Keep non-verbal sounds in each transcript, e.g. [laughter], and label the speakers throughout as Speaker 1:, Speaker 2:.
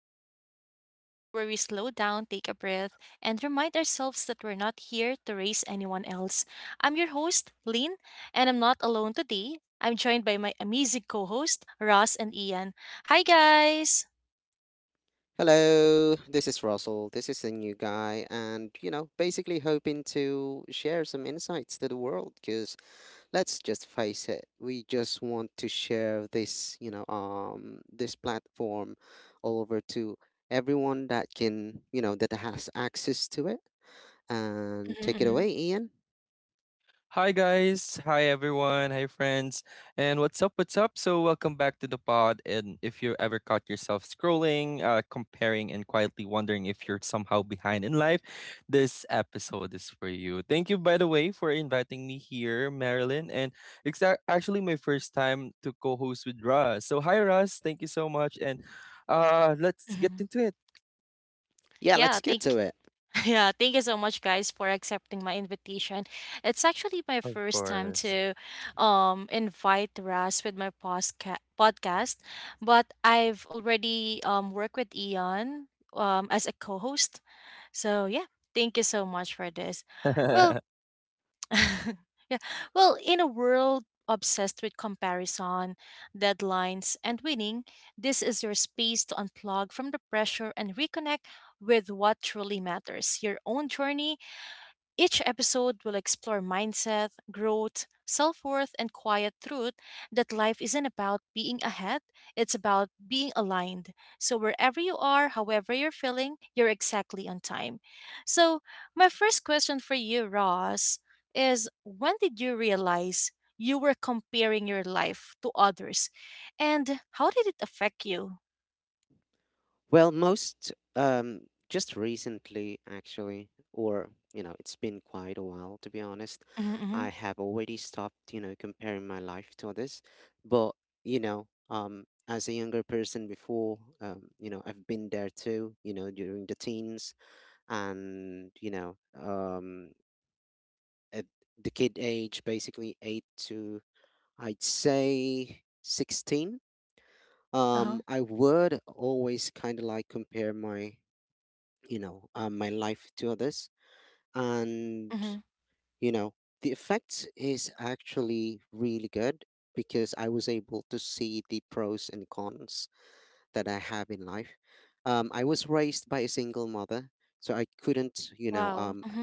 Speaker 1: podcast, the podcast where we slow down, take a breath, and remind ourselves that we're not here to raise anyone else. I'm your host, Lane, and I'm not alone today. I'm joined by my amazing co host, Ross and Ian. Hi, guys!
Speaker 2: Hello, this is Russell. This is the new guy, and basically hoping to share some insights to the world. Because let's just face it, we just want to share this platform all over to everyone that can, that has access to it. And take it
Speaker 1: hmm
Speaker 2: away, Ian.
Speaker 3: Hi guys, hi everyone, hi friends, and what's up? What's up? So welcome back to the pod. And if you ever caught yourself scrolling, comparing, and quietly wondering if you're somehow behind in life, this episode is for you. Thank you, by the way, for inviting me here, Marilyn, and it's actually my first time to co-host with Russ. So hi, Russ. Thank you so much, and let's get
Speaker 1: hmm
Speaker 3: into it.
Speaker 2: Yeah, let's
Speaker 1: Yeah,
Speaker 2: get to
Speaker 1: thank
Speaker 2: it.
Speaker 1: [laughs] Yeah, thank you so much, guys, for accepting my invitation. It's actually my
Speaker 3: Of
Speaker 1: first time
Speaker 3: course.
Speaker 1: to invite Ras with my podcast, but I've already worked with Ian as a co-host. So yeah, thank you so much for this.
Speaker 3: [laughs] Right.
Speaker 1: Well, [laughs] yeah. Well, in a world obsessed with comparison, deadlines, and winning, this is your space to unplug from the pressure and reconnect with what truly matters your own journey. Each episode will explore mindset, growth, self worth, and quiet truth that life isn't about being ahead, it's about being aligned. So, wherever you are, however you're feeling, you're exactly on time. So, my first question for you, Ross, is when did you realize you were comparing your life to others? And how did it affect you?
Speaker 2: Well, most just recently, actually, or it's been quite a while to be honest. I
Speaker 1: Mm-hmm.
Speaker 2: have already stopped, comparing my life to others. But as a younger person before, I've been there too. During the teens and at the kid age, basically 8 to I'd say 16.
Speaker 1: Uh huh.
Speaker 2: I would always kind of like compare my life to others. And,
Speaker 1: Mm-hmm.
Speaker 2: you know, the effects is actually really good because I was able to see the pros and cons that I have in life. I was raised by a single mother, so I couldn't,
Speaker 1: Wow. Mm-hmm.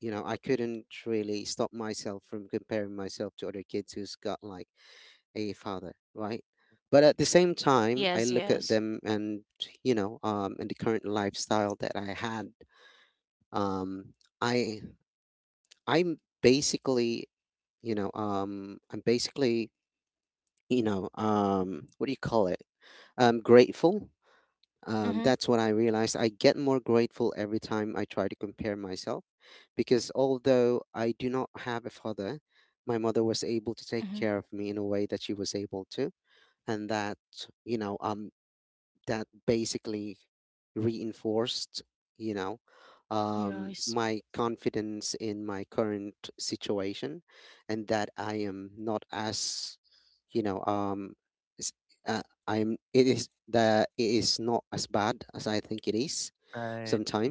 Speaker 2: you know, I couldn't really stop myself from comparing myself to other kids who's got like a father, right? But at the same time,
Speaker 1: Yes,
Speaker 2: I look at
Speaker 1: yes.
Speaker 2: them, and the current lifestyle that I had, um, I I'm basically you know I'm basically you know what do you call it? Grateful. Um,
Speaker 1: Mm-hmm.
Speaker 2: that's what I realized. I get more grateful every time I try to compare myself because although I do not have a father, my mother was able to take
Speaker 1: Mm-hmm.
Speaker 2: care of me in a way that she was able to. And you know, um, that basically reinforced, you know
Speaker 1: Yes.
Speaker 2: my confidence in my current situation, and that I am not as you know s- uh, I'm it is not as bad as I think it is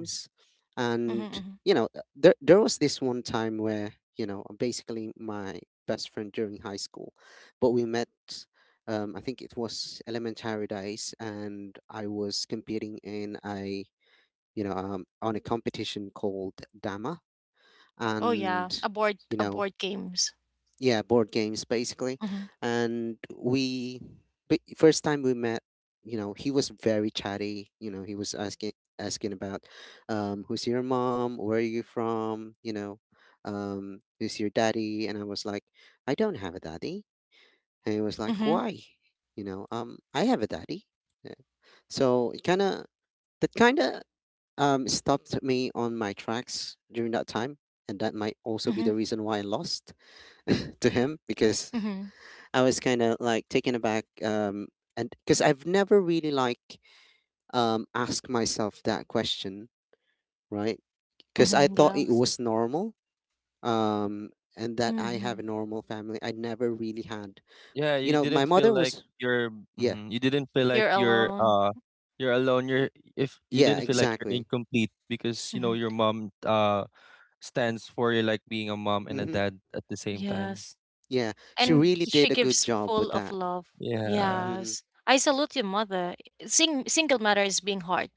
Speaker 3: Mm-hmm.
Speaker 1: Mhm,
Speaker 2: And
Speaker 1: mhm.
Speaker 2: there was this one time where basically my best friend during high school, but we met, I think it was elementary days, and I was competing in a, on a competition called dama.
Speaker 1: Oh yeah,
Speaker 2: And
Speaker 1: a board
Speaker 2: you
Speaker 1: a
Speaker 2: know
Speaker 1: board games.
Speaker 2: yeah, board games basically.
Speaker 1: Mhm,
Speaker 2: And we but first time we met, he was very chatty. He was asking about, who's your mom, where are you from, who's your daddy? And I was like, I don't have a daddy. And he was like,
Speaker 1: mhm,
Speaker 2: why? I have a daddy. Yeah. So it kind of that kind of, stopped me on my tracks during that time, and that might also be the
Speaker 1: mhm,
Speaker 2: reason why I lost [laughs] to him because
Speaker 1: mhm,
Speaker 2: I was kind of like taken aback, and because I've never really like asked myself that question, right? Because I
Speaker 1: mhm,
Speaker 2: thought it
Speaker 1: yes.
Speaker 2: was normal, um, and that I have a
Speaker 1: Mhm.
Speaker 2: normal family. I never really had,
Speaker 3: Yeah,
Speaker 2: my mother was. Yeah,
Speaker 3: you didn't feel like
Speaker 1: You're
Speaker 3: you're
Speaker 1: alone.
Speaker 3: uh you're alone. You're If you
Speaker 2: yeah,
Speaker 3: didn't feel like you're
Speaker 2: exactly,
Speaker 3: incomplete because
Speaker 1: Mhm.
Speaker 3: your mom stands for you like being a mom and a
Speaker 2: mm-hmm,
Speaker 3: dad at the same time.
Speaker 1: Yes,
Speaker 2: yeah. She
Speaker 1: and
Speaker 2: really
Speaker 1: she
Speaker 2: did a good
Speaker 1: gives
Speaker 2: job with
Speaker 1: full of
Speaker 2: that,
Speaker 1: love.
Speaker 3: Yeah.
Speaker 2: mm-hmm,
Speaker 1: Yes, I salute your mother. Single mother is being hard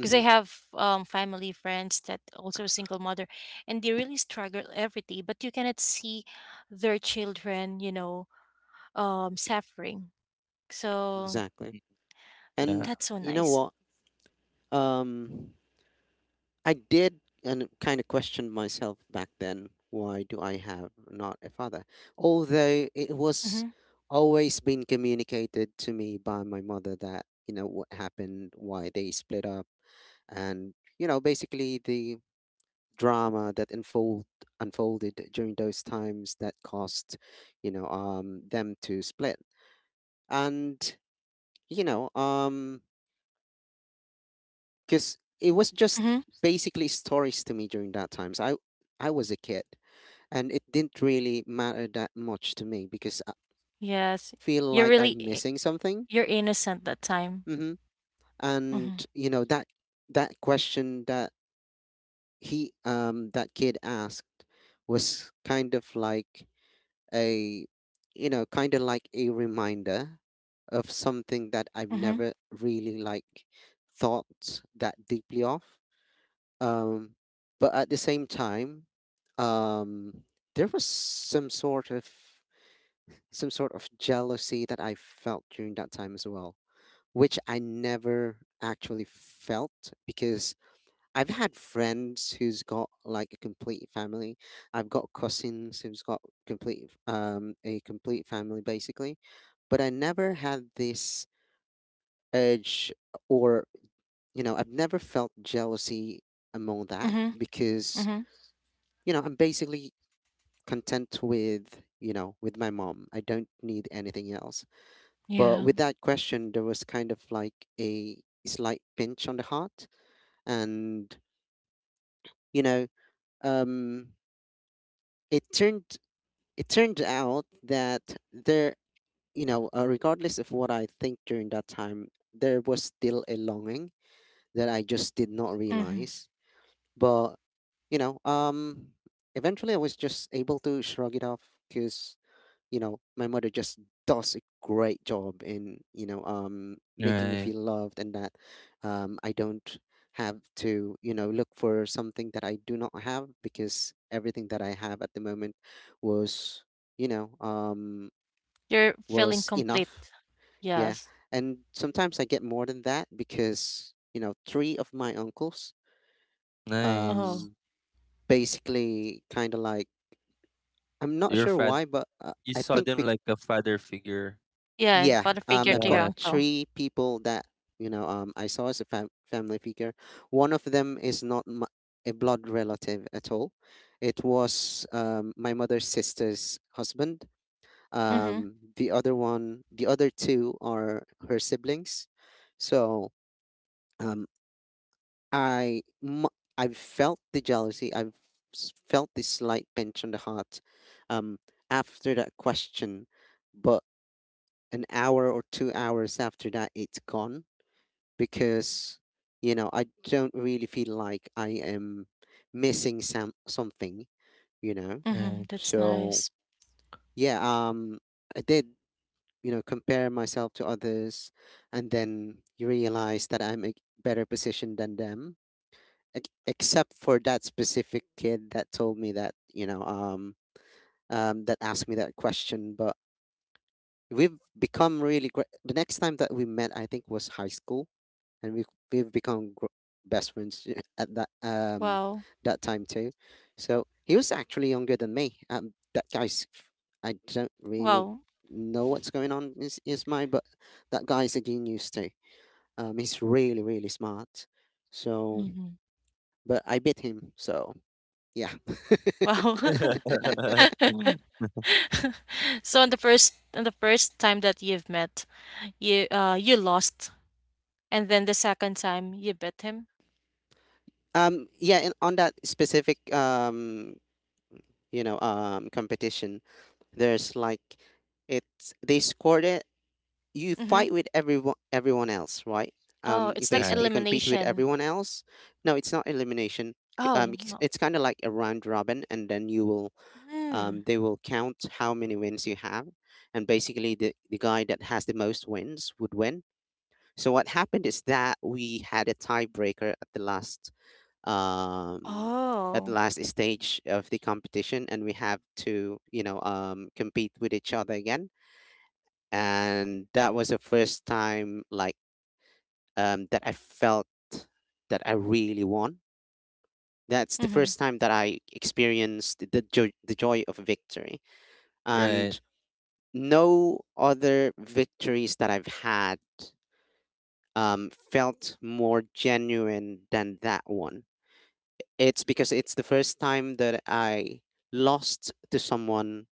Speaker 1: because I have family friends that also single mother, and they really struggle every day. But you cannot see their children, you know, suffering. So
Speaker 2: exactly.
Speaker 3: Mhm. Yeah.
Speaker 2: And
Speaker 1: that's so
Speaker 2: you know
Speaker 1: nice.
Speaker 2: what, um. I did and kind of questioned myself back then, why do I have not a father? Although it was
Speaker 1: Mm-hmm.
Speaker 2: always been communicated to me by my mother that, what happened, why they split up, and, basically the drama that unfolded during those times that caused, them to split. And, you know, um because it was just
Speaker 1: Mm-hmm.
Speaker 2: basically stories to me during that time. So I was a kid, and it didn't really matter that much to me because I
Speaker 1: Yes.
Speaker 2: don't feel
Speaker 1: You're
Speaker 2: like
Speaker 1: really
Speaker 2: I'm
Speaker 1: I
Speaker 2: missing something.
Speaker 1: You're innocent that time.
Speaker 2: Hmm. And
Speaker 1: Mhm.
Speaker 2: you know that that question that kid asked was kind of like a you know kind of like a reminder of something that I've
Speaker 1: Mhm.
Speaker 2: never really like thought that deeply of. Um, but at the same time, um, there was some sort of jealousy that I felt during that time as well, which I never actually felt because I've had friends who's got like a complete family. I've got cousins who's got complete a complete family basically, but I never had this urge, or I've never felt jealousy among that
Speaker 1: Mhm.
Speaker 2: because
Speaker 1: Mhm.
Speaker 2: I'm basically content with, with my mom. I don't need anything else. But
Speaker 1: Yeah.
Speaker 2: with that question, there was kind of like a slight pinch on the heart, and you know, um, it turned it turned out that regardless of what I think during that time, there was still a longing that I just did not
Speaker 1: Mhm.
Speaker 2: realize. But you know, um, eventually I was just able to shrug it off because my mother just does a great job in, making me
Speaker 3: Right.
Speaker 2: feel loved, and that I don't have to, look for something that I do not have because everything that I have at the moment was, you know um
Speaker 1: You're feeling
Speaker 2: was enough.
Speaker 1: complete.
Speaker 2: Yeah.
Speaker 1: Yes.
Speaker 2: And sometimes I get more than that because three of my uncles,
Speaker 1: Oh.
Speaker 3: Nice.
Speaker 2: um basically kind of like, I'm not
Speaker 3: Your
Speaker 2: sure
Speaker 3: fad
Speaker 2: why, but
Speaker 3: you
Speaker 2: I
Speaker 3: saw
Speaker 2: think.
Speaker 3: them like a father figure.
Speaker 1: Yeah, and
Speaker 2: Yeah,
Speaker 1: father figure
Speaker 2: I've
Speaker 1: to your
Speaker 2: got
Speaker 3: Yeah.
Speaker 1: uncle.
Speaker 2: three people that, I saw as a family figure. One of them is not a blood relative at all. It was, my mother's sister's husband.
Speaker 1: Mhm.
Speaker 2: The other one, the other two, are her siblings. So, um, I. i m- I've felt the jealousy. I've felt this slight pinch on the heart, um, after that question, but an hour or 2 hours after that, it's gone because I don't really feel like I am missing something you know
Speaker 3: Right.
Speaker 1: Mhm. That's
Speaker 2: so
Speaker 1: nice.
Speaker 2: yeah, I did, compare myself to others, and then you realize that I'm a better position than them, except for that specific kid that told me that you know that asked me that question. But we've become really great. The next time that we met, I think was high school, and we've become best friends [laughs] at that
Speaker 1: Wow.
Speaker 2: that time too. So he was actually younger than me. That guy's I don't really
Speaker 1: Wow.
Speaker 2: know what's going on in his mind, but that guy's a genius too. He's really really smart. So,
Speaker 1: Mhm.
Speaker 2: but I beat him. So yeah,
Speaker 1: Wow.
Speaker 3: [laughs]
Speaker 1: [laughs] So on the first time that you've met, you you lost. And then the second time you bet him.
Speaker 2: yeah, and on that specific competition. There's like it's They scored it. You
Speaker 1: Mhm.
Speaker 2: fight with everyone else, right?
Speaker 1: Oh,
Speaker 2: You
Speaker 1: it's like
Speaker 3: Right.
Speaker 2: basically compete with
Speaker 1: elimination.
Speaker 2: everyone else. No, it's not elimination.
Speaker 1: Oh
Speaker 2: It's,
Speaker 1: no.
Speaker 2: it's kind of like a round robin, and then you will
Speaker 1: Mm.
Speaker 2: they will count how many wins you have, and basically the guy that has the most wins would win. So what happened is that we had a tiebreaker um, at the
Speaker 1: Oh.
Speaker 2: last stage of the competition, and we have to, compete with each other again. And that was the first time, like, that I felt that I really won. That's the
Speaker 1: Mhm.
Speaker 2: first time that I experienced the joy of victory,
Speaker 3: Right.
Speaker 2: and no other victories that I've had, felt more genuine than that one. It's because it's the first time that I lost to someone,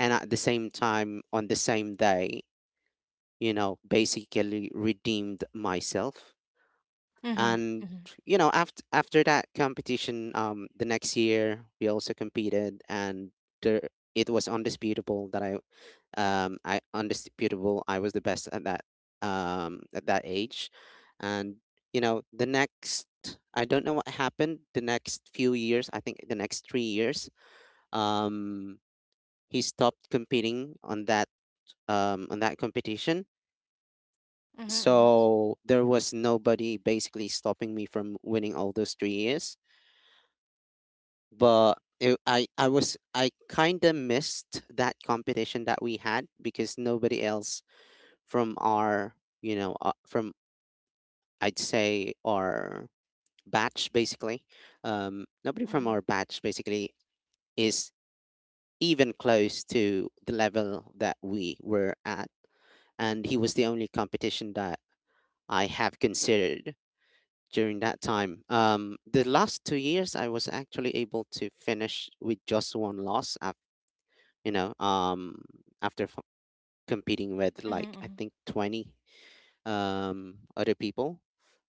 Speaker 2: and at the same time on the same day, basically redeemed myself.
Speaker 1: Mhm.
Speaker 2: And
Speaker 1: Mhm.
Speaker 2: after that competition, the next year we also competed, and there it was undisputable that I was the best at that age. And the next I don't know what happened the next few years, I think the next 3 years, um he stopped competing on that competition.
Speaker 1: Mhm, mhm.
Speaker 2: So there was nobody basically stopping me from winning all those 3 years. But it, I was, I kind of missed that competition that we had because nobody else from our, from I'd say our batch basically, nobody from
Speaker 1: Mhm.
Speaker 2: our batch basically is even close to the level that we were at. And he was the only competition that I have considered during that time. The last 2 years, I was actually able to finish with just one loss. You know, um, after competing with
Speaker 1: Mhm,
Speaker 2: like I
Speaker 1: mhm.
Speaker 2: think 20 other people,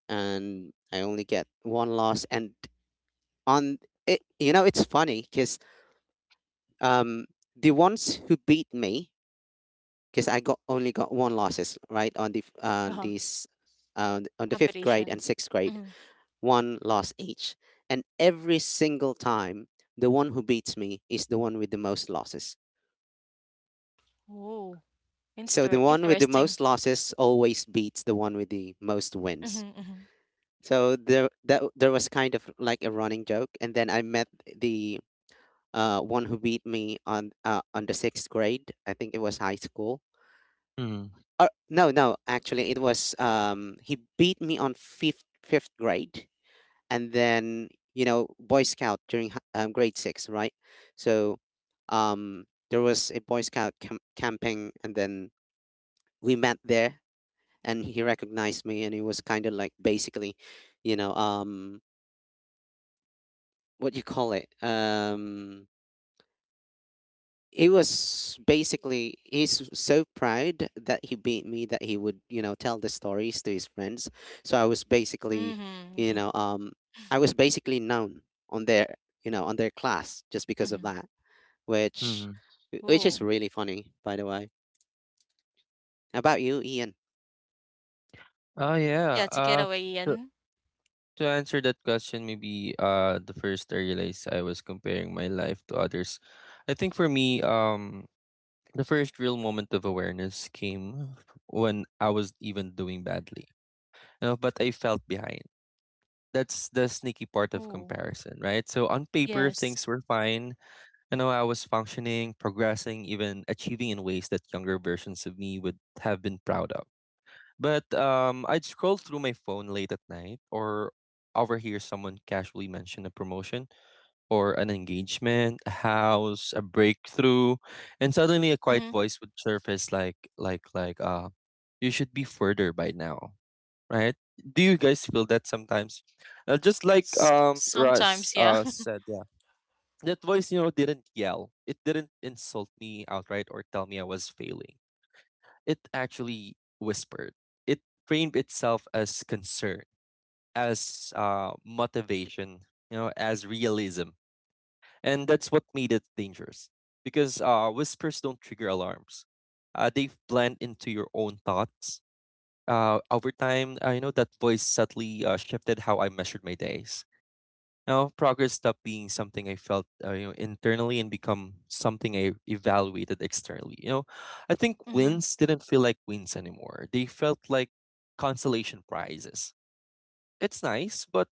Speaker 2: and I only get one loss. And on it, you know, it's funny because um the ones who beat me, because I got only got one losses right, on the f-
Speaker 1: Uh-huh.
Speaker 2: these. On the fifth grade
Speaker 1: Competition.
Speaker 2: and sixth grade,
Speaker 1: Mhm.
Speaker 2: one loss each. And every single time, the one who beats me is the one with the most losses.
Speaker 1: Ooh.
Speaker 2: So
Speaker 1: Inster
Speaker 2: the one with the
Speaker 1: interesting.
Speaker 2: most losses always beats the one with the most wins.
Speaker 1: Mhm, mhm.
Speaker 2: So there was kind of like a running joke. And then I met the one who beat me on the sixth grade. I think it was high school.
Speaker 3: Hmm.
Speaker 2: Or no, no, actually, it was he beat me on fifth grade, and then boy scout during grade six, right? So um there was a boy scout camping, and then we met there, and he recognized me, and it was kind of like basically, you know um what do you call it it was basically he's so proud that he beat me that he would, tell the stories to his friends. So I was basically,
Speaker 1: Mhm.
Speaker 2: you
Speaker 1: [laughs]
Speaker 2: know um I was basically known on their, on their class just because of
Speaker 1: Mhm.
Speaker 2: that, which
Speaker 3: Hmm.
Speaker 2: which is
Speaker 1: Oh,
Speaker 2: really funny, by the way. How about you, Ian?
Speaker 3: Oh
Speaker 1: yeah,
Speaker 3: yeah.
Speaker 1: to get away yan.
Speaker 3: To answer that question, maybe the first I realized I was comparing my life to others. I think for me, the first real moment of awareness came when I was even doing badly. You know, but I felt behind. That's the sneaky part of
Speaker 1: Oh,
Speaker 3: comparison, right? So on paper
Speaker 1: yes.
Speaker 3: things were fine. You know, I was functioning, progressing, even achieving in ways that younger versions of me would have been proud of. But I'd scroll through my phone late at night or overhear someone casually mention a promotion or an engagement, a house, a breakthrough, and suddenly a quiet
Speaker 1: Mhm.
Speaker 3: voice would surface like you should be further by now, right? Do you guys feel that sometimes? Just like
Speaker 1: S
Speaker 3: Russ
Speaker 1: sometimes, yeah. [laughs]
Speaker 3: said, yeah. That voice, you know, didn't yell. It didn't insult me outright or tell me I was failing. It actually whispered. It framed itself as concern, as motivation, you know, as realism. And that's what made it dangerous. Because whispers don't trigger alarms. They blend into your own thoughts. Over time, I know that voice subtly shifted how I measured my days. Now, progress stopped being something I felt, internally and become something I evaluated externally. You know, I think
Speaker 1: Mhm.
Speaker 3: wins didn't feel like wins anymore. They felt like consolation prizes. It's nice, but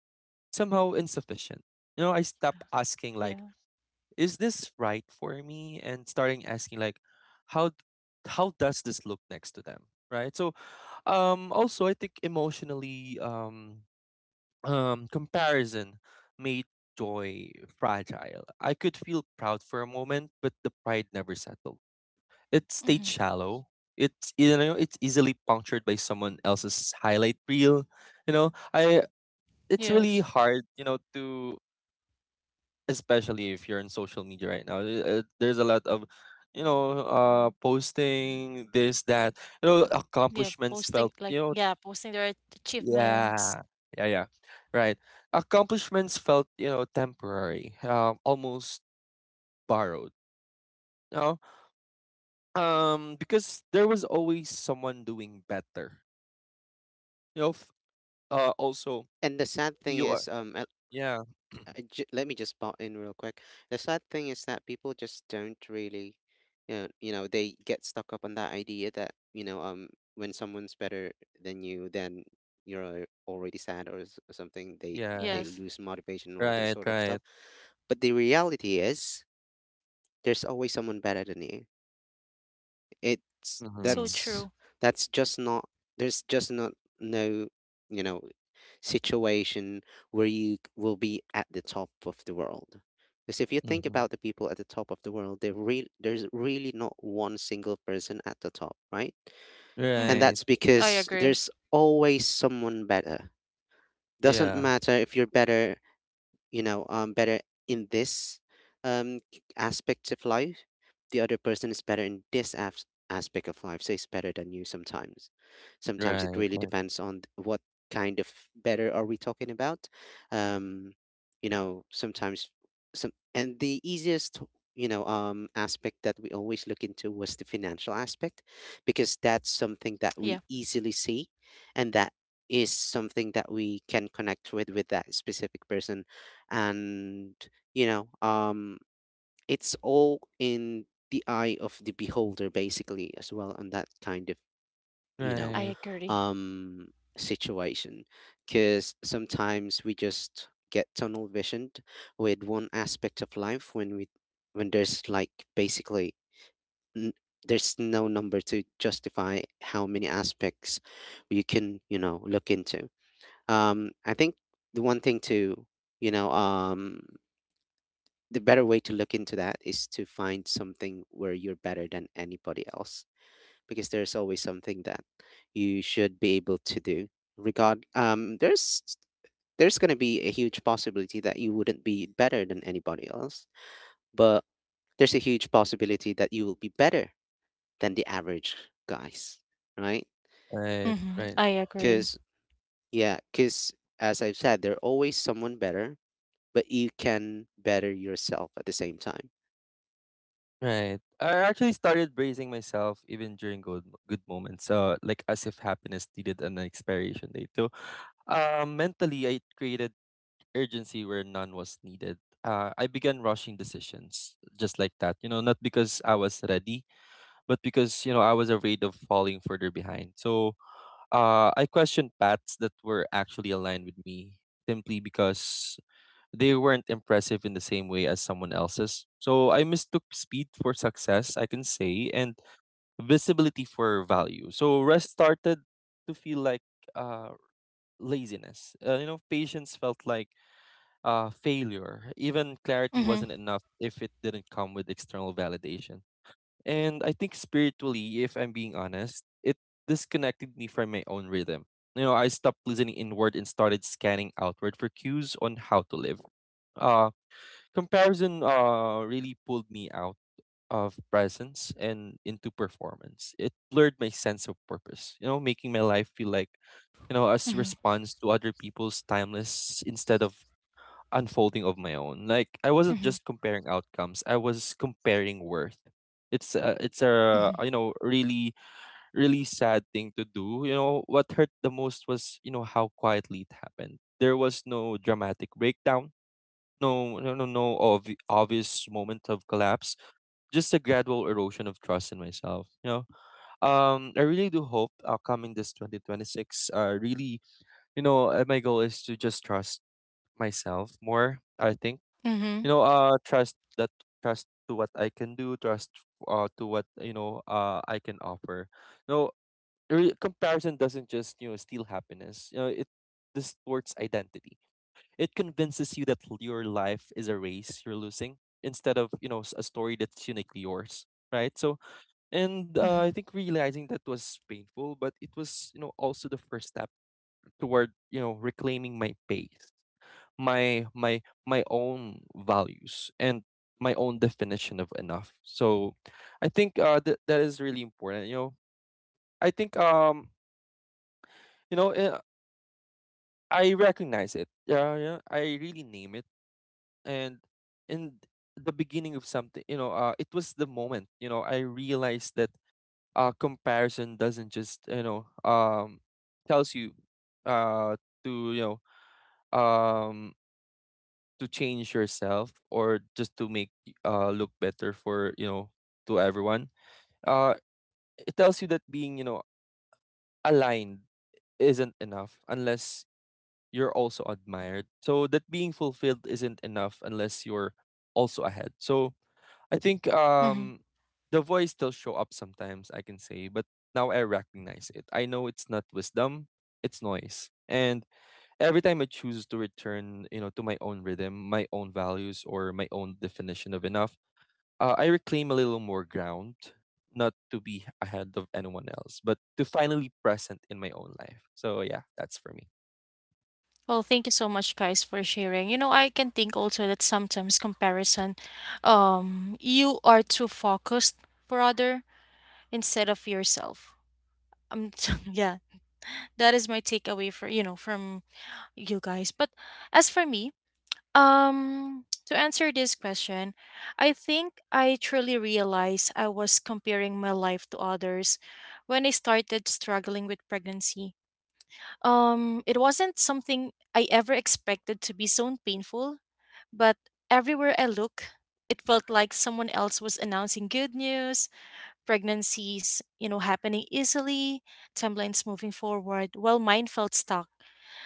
Speaker 3: somehow insufficient. You know, I stopped asking like,
Speaker 1: Yeah.
Speaker 3: "Is this right for me?" and starting asking like, "How, d- how does this look next to them?" Right. So, also I think emotionally, comparison made joy fragile. I could feel proud for a moment, but the pride never settled. It stayed
Speaker 1: Mhm.
Speaker 3: shallow. It's, you know, it's easily punctured by someone else's highlight reel. You know, I, it's really
Speaker 1: Yes.
Speaker 3: hard. You know, to, especially if you're on social media right now. There's a lot of, you know, posting this that, you know,
Speaker 1: Yeah,
Speaker 3: accomplishments felt, you know.
Speaker 1: posting their achievements.
Speaker 3: Yeah. Yeah, yeah. Right. Accomplishments felt, you know, temporary, almost borrowed. You know? Because there was always someone doing better. You know, also
Speaker 2: And the sad thing
Speaker 3: you are,
Speaker 2: is,
Speaker 3: yeah,
Speaker 2: let me just butt in real quick. The sad thing is that people just don't really, they get stuck up on that idea that, when someone's better than you, then you're already sad or something. They
Speaker 3: yeah.
Speaker 2: they
Speaker 1: Yes.
Speaker 2: lose motivation and all that
Speaker 3: Right,
Speaker 2: sort of
Speaker 3: right.
Speaker 2: stuff. But the reality is, there's always someone better than you. It's
Speaker 1: So
Speaker 3: Mm-hmm.
Speaker 1: true.
Speaker 2: that's just not there's just not no you know situation where you will be at the top of the world. Because if you think
Speaker 3: Mm-hmm.
Speaker 2: about the people at the top of the world, there's really not one single person at the top, right? And
Speaker 1: Mhm.
Speaker 3: Right.
Speaker 2: that's
Speaker 1: I
Speaker 2: because
Speaker 1: agree.
Speaker 2: there's always someone better. Doesn't
Speaker 3: Yeah.
Speaker 2: matter if you're better you know better in this, aspect of life, the other person is better in this aspect of life, so it's better than you sometimes. It
Speaker 3: Right.
Speaker 2: really
Speaker 3: Right.
Speaker 2: depends on what kind of better are we talking about. um you know, sometimes some and the easiest, aspect that we always look into was the financial aspect, because that's something that
Speaker 1: Yeah,
Speaker 2: we easily see, and that is something that we can connect with that specific person. And, you know um it's all in the eye of the beholder basically, as well on that kind of, you know
Speaker 1: I
Speaker 3: Right.
Speaker 1: agree.
Speaker 2: um situation. Because sometimes we just get tunnel visioned with one aspect of life, when there's like basically, n- there's no number to justify how many aspects you can, look into. I think the one thing to you know the better way to look into that is to find something where you're better than anybody else, because there's always something that you should be able to do. Regard There's going to be a huge possibility that you wouldn't be better than anybody else, but there's a huge possibility that you will be better than the average guys, right?
Speaker 3: Right.
Speaker 1: Mhm.
Speaker 3: Right.
Speaker 1: I agree.
Speaker 2: Cuz yeah cuz as I've said, there's always someone better, but you can better yourself at the same time.
Speaker 3: Right. I actually started praising myself even during good good moments. Like as if happiness needed an expiration date. Mentally, I created urgency where none was needed. I began rushing decisions just like that, you know, not because I was ready, but because, you know, I was afraid of falling further behind. So I questioned paths that were actually aligned with me simply because they weren't impressive in the same way as someone else's. So I mistook speed for success, I can say, and visibility for value. So rest started to feel like uh, laziness. You know, patience felt like failure. Even clarity
Speaker 1: Mhm,
Speaker 3: wasn't enough if it didn't come with external validation. And I think spiritually, if I'm being honest, it disconnected me from my own rhythm. You know, I stopped listening inward and started scanning outward for cues on how to live. Uh, comparison really pulled me out of presence and into performance. It blurred my sense of purpose, you know, making my life feel like, you know, as
Speaker 1: mhm,
Speaker 3: response to other people's timeless instead of unfolding of my own. Like I wasn't
Speaker 1: mhm,
Speaker 3: just comparing outcomes; I was comparing worth. It's a, it's a,
Speaker 1: mhm,
Speaker 3: you know, really really sad thing to do. You know what hurt the most was, you know, how quietly it happened. There was no dramatic breakdown, no obvious moment of collapse. Just a gradual erosion of trust in myself. You know, I really do hope coming this 2026, really, you know, my goal is to just trust myself more. I think, you
Speaker 1: mhm,
Speaker 3: know, trust to what I can do, trust to what, I can offer. No, comparison doesn't just, you know, steal happiness. You know, it distorts identity. It convinces you that your life is a race you're losing instead of, a story that's uniquely yours. Right. So, and I
Speaker 1: mhm,
Speaker 3: think realizing that was painful, but it was, also the first step toward, reclaiming my pace, my my my own values, and my own definition of enough. So I think that is really important. You know, I think you know uh, I recognize it. Yeah, yeah. I really name it, and in the beginning of something, you know, it was the moment. You know, I realized that comparison doesn't just, tells you uh to, um to change yourself or just to make look better for, to everyone. uh it tells you that being, aligned isn't enough unless you're also admired, so that being fulfilled isn't enough unless you're also ahead. So I think
Speaker 1: mhm.
Speaker 3: the voice still show up sometimes, I can say, but now I recognize it. I know it's not wisdom. It's noise. And every time I choose to return, you know, to my own rhythm, my own values, or my own definition of enough, I reclaim a little more ground, not to be ahead of anyone else, but to finally present in my own life. So yeah, that's for me.
Speaker 1: Well, thank you so much, guys, for sharing. You know, I can think also that sometimes comparison, you are too focused for other instead of yourself. Um, [laughs] yeah, that is my takeaway for you know from you guys. But as for me, to answer this question, I think I truly realized I was comparing my life to others when I started struggling with pregnancy. It wasn't something I ever expected to be so painful, but everywhere I look, it felt like someone else was announcing good news, pregnancies, you know, happening easily, timelines moving forward, while mine felt stuck.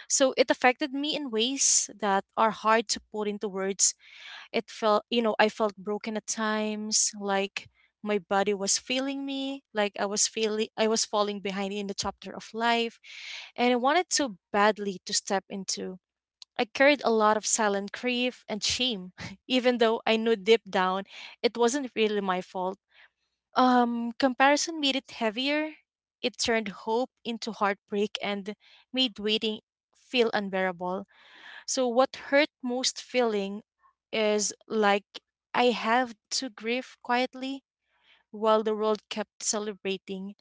Speaker 1: So it affected me in ways that are hard to put into words. It felt, you know, I felt broken at times, like my body was failing me, like I was feeling I was falling behind in the chapter of life, and I wanted so badly to step into. I carried a lot of silent grief and shame, [laughs] even though I knew deep down it wasn't really my fault. Comparison made it heavier. It turned hope into heartbreak and made waiting feel unbearable. So what hurt most feeling is like I have to grieve quietly while the world kept celebrating.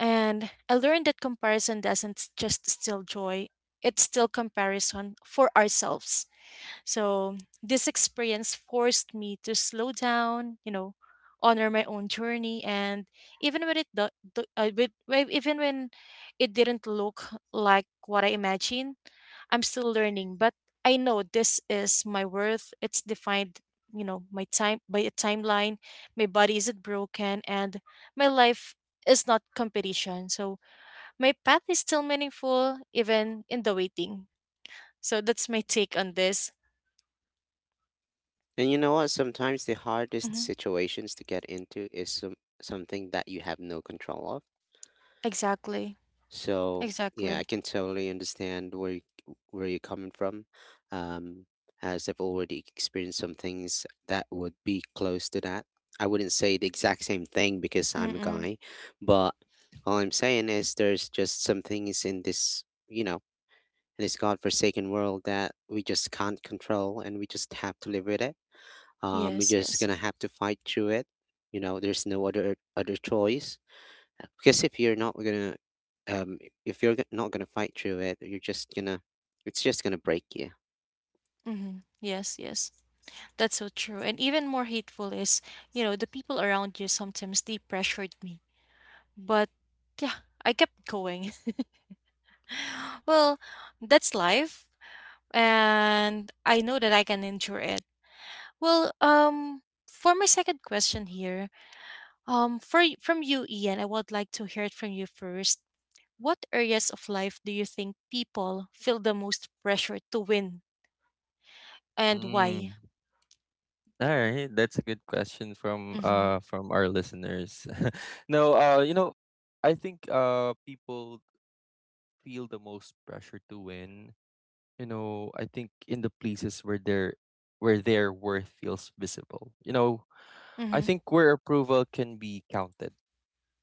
Speaker 1: And I learned that comparison doesn't just steal joy, it's still comparison for ourselves. So this experience forced me to slow down, you know, honor my own journey and even when it even when it didn't look like what I imagined. I'm still learning, but I know this is my worth. It's defined, you know, my time by a timeline. My body isn't broken, and my life is not competition. So my path is still meaningful, even in the waiting. So that's my take on this.
Speaker 2: And you know what? Sometimes the hardest
Speaker 1: Hmm
Speaker 2: situations to get into is something that you have no control of.
Speaker 1: Exactly.
Speaker 2: So yeah,
Speaker 1: Exactly.
Speaker 2: I can totally understand where you're coming from. Um, as I've already experienced some things that would be close to that, I wouldn't say the exact same thing because I'm a
Speaker 1: Mm-mm.
Speaker 2: guy, but all I'm saying is there's just some things in this godforsaken world that we just can't control, and we just have to live with it. You're
Speaker 1: Yes.
Speaker 2: just
Speaker 1: Yes.
Speaker 2: gonna have to fight through it. You know, there's no other choice. Because um, if you're not gonna fight through it, it's just gonna break you.
Speaker 1: Mm-hmm. Yes, yes. That's so true. And even more hateful is, you know, the people around you sometimes they pressured me. But yeah, I kept going. [laughs] Well, that's life, and I know that I can endure it. Well, for my second question here, from you, Ian, I would like to hear it from you first. What areas of life do you think people feel the most pressure to win, and
Speaker 3: Mm.
Speaker 1: why?
Speaker 3: All right, that's a good question from
Speaker 1: Mm-hmm.
Speaker 3: from our listeners. [laughs] No, I think people feel the most pressure to win. You know, I think in the places where their, where their worth feels visible. You know, I
Speaker 1: Mm-hmm.
Speaker 3: think where approval can be counted,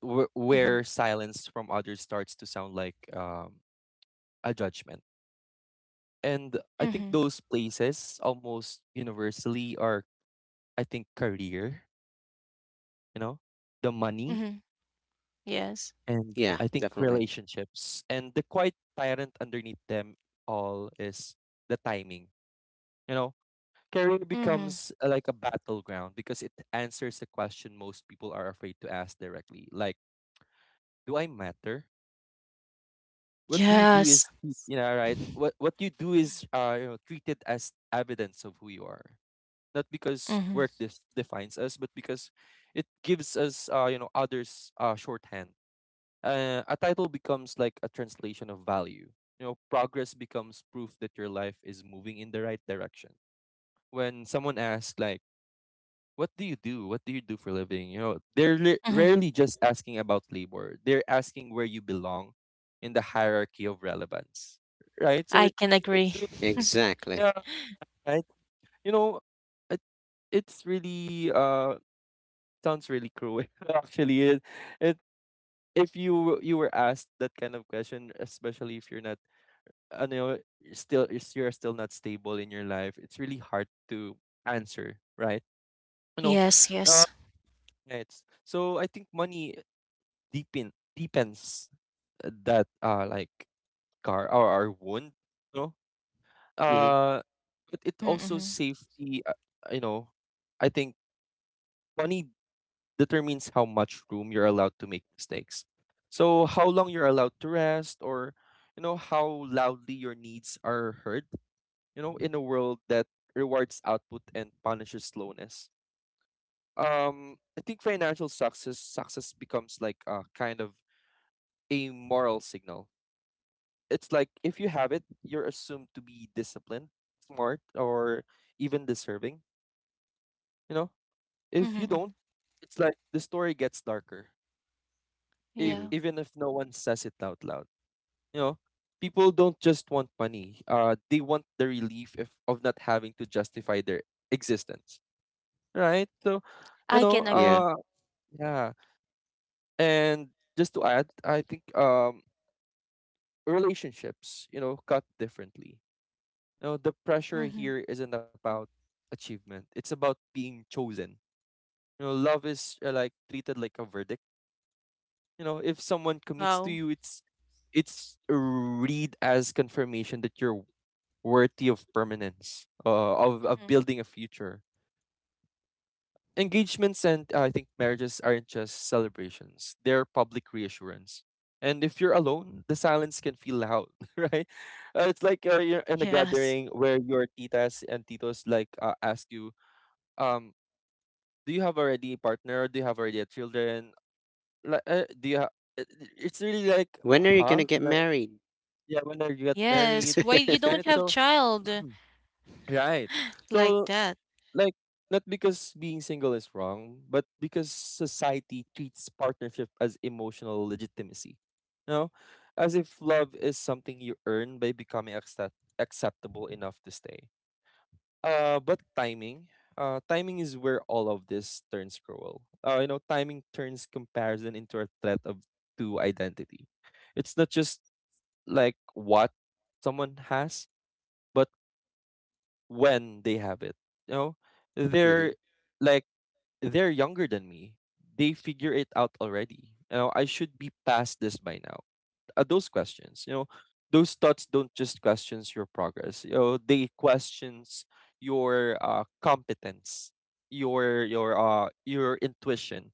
Speaker 1: Mm-hmm.
Speaker 3: where silence from others starts to sound like, a judgment. And I think
Speaker 1: Mm-hmm.
Speaker 3: those places almost universally are, I think, career, you know, the money,
Speaker 1: Mm-hmm. Yes.
Speaker 3: and
Speaker 2: Yeah,
Speaker 3: I think
Speaker 2: definitely.
Speaker 3: relationships. And the quiet tyrant underneath them all is the timing, you know. Career
Speaker 1: Mm-hmm.
Speaker 3: becomes, like a battleground because it answers a question most people are afraid to ask directly, like, do I matter? What do you do
Speaker 1: Yes.
Speaker 3: is, right, what you do is, treated as evidence of who you are, not because work
Speaker 1: Mm-hmm.
Speaker 3: defines us, but because it gives us, others shorthand. A title becomes like a translation of value. You know, progress becomes proof that your life is moving in the right direction. When someone asks like, what do you do? What do you do for a living? You know, they're
Speaker 1: Mm-hmm.
Speaker 3: rarely just asking about labor. They're asking where you belong in the hierarchy of relevance, right? So
Speaker 1: I
Speaker 3: it
Speaker 1: can
Speaker 3: it's
Speaker 1: agree.
Speaker 3: really,
Speaker 2: Exactly.
Speaker 3: yeah, right? You know, it it's really sounds really cruel [laughs] actually. It If you were asked that kind of question, especially if you're not, you're still not stable in your life, it's really hard to answer, right? You know,
Speaker 1: Yes.
Speaker 3: uh,
Speaker 1: Yes.
Speaker 3: Right. So I think money deepens that like scar or our wound, you know
Speaker 2: Mhm.
Speaker 3: uh but it
Speaker 1: Mm-hmm.
Speaker 3: also
Speaker 1: Mm-hmm.
Speaker 3: safety, you know I think money determines how much room you're allowed to make mistakes, so how long you're allowed to rest or, you know, how loudly your needs are heard, you know, in a world that rewards output and punishes slowness. I think financial success becomes like a kind of a moral signal. It's like if you have it, you're assumed to be disciplined, smart, or even deserving. You know,
Speaker 1: Mm-hmm,
Speaker 3: if you
Speaker 1: mm-hmm.
Speaker 3: don't, it's like the story gets darker. If
Speaker 2: Mhm.
Speaker 1: Yeah.
Speaker 3: even if no one says it out loud, you know, people don't just want money. They want the relief if, of not having to justify their existence, right? So, you
Speaker 1: I
Speaker 3: know,
Speaker 1: can
Speaker 2: Yeah.
Speaker 1: agree.
Speaker 3: uh, yeah. And just to add, I think relationships, you know, cut differently. You know, the pressure
Speaker 1: Mhm.
Speaker 3: here isn't about achievement. It's about being chosen. You know, love is, like treated like a verdict. You know, if someone commits to
Speaker 1: Wow.
Speaker 3: you, it's read as confirmation that you're worthy of permanence, of
Speaker 1: Mhm.
Speaker 3: building a future. Engagements and I think marriages aren't just celebrations; they're public reassurance. And if you're alone, the silence can feel loud, [laughs] right? It's like you're in a
Speaker 1: Yes.
Speaker 3: gathering where your titas and titos like ask you um do you have already a partner, do you have already a children, like do you ha- it- it's really like
Speaker 2: When are you
Speaker 3: huh,
Speaker 2: gonna get
Speaker 3: like,
Speaker 2: married?
Speaker 3: yeah, when I get
Speaker 1: Yes.
Speaker 3: married,
Speaker 1: Why you don't
Speaker 3: right?
Speaker 2: [laughs]
Speaker 1: have
Speaker 3: So
Speaker 1: child
Speaker 3: [clears throat] right,
Speaker 1: like
Speaker 3: so
Speaker 1: that?
Speaker 3: like, not because being single is wrong, but because society treats partnership as emotional legitimacy, you know, as if love is something you earn by becoming acceptable enough to stay. But timing. Timing is where all of this turns cruel. You know, timing turns comparison into a threat of two identity. It's not just like what someone has, but when they have it. You know,
Speaker 2: Mhm.
Speaker 3: they're like, they're younger than me. They figure it out already. You know, I should be past this by now. At those questions, you know, those thoughts don't just questions your progress, you know, they questions your competence, your your intuition,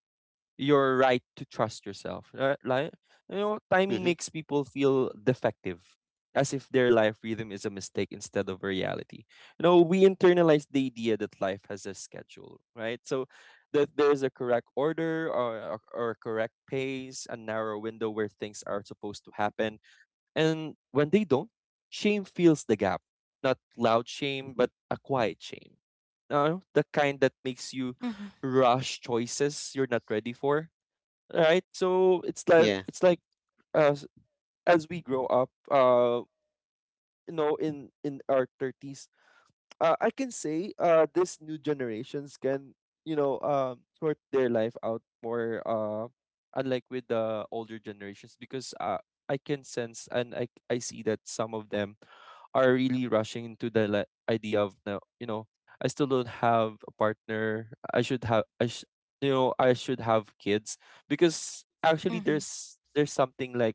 Speaker 3: your right to trust yourself. Like, you know, timing
Speaker 2: Mhm.
Speaker 3: makes people feel defective, as if their life rhythm is a mistake instead of a reality. You know, we internalize the idea that life has a schedule, right? So that there's a correct order, or a correct pace, a narrow window where things are supposed to happen. And when they don't, shame fills the gap. Not loud shame, but a quiet shame. The kind that makes you
Speaker 1: Mhm.
Speaker 3: rush choices you're not ready for, right? So it's like,
Speaker 2: Yeah.
Speaker 3: it's like as we grow up, you know, in our thirties, I can say this new generations can, you know, sort their life out more, unlike with the older generations, because I can sense and I see that some of them are really rushing into the idea of now. You know, I still don't have a partner. I should have, I sh- you know, I should have kids, because actually
Speaker 1: Mhm.
Speaker 3: there's something like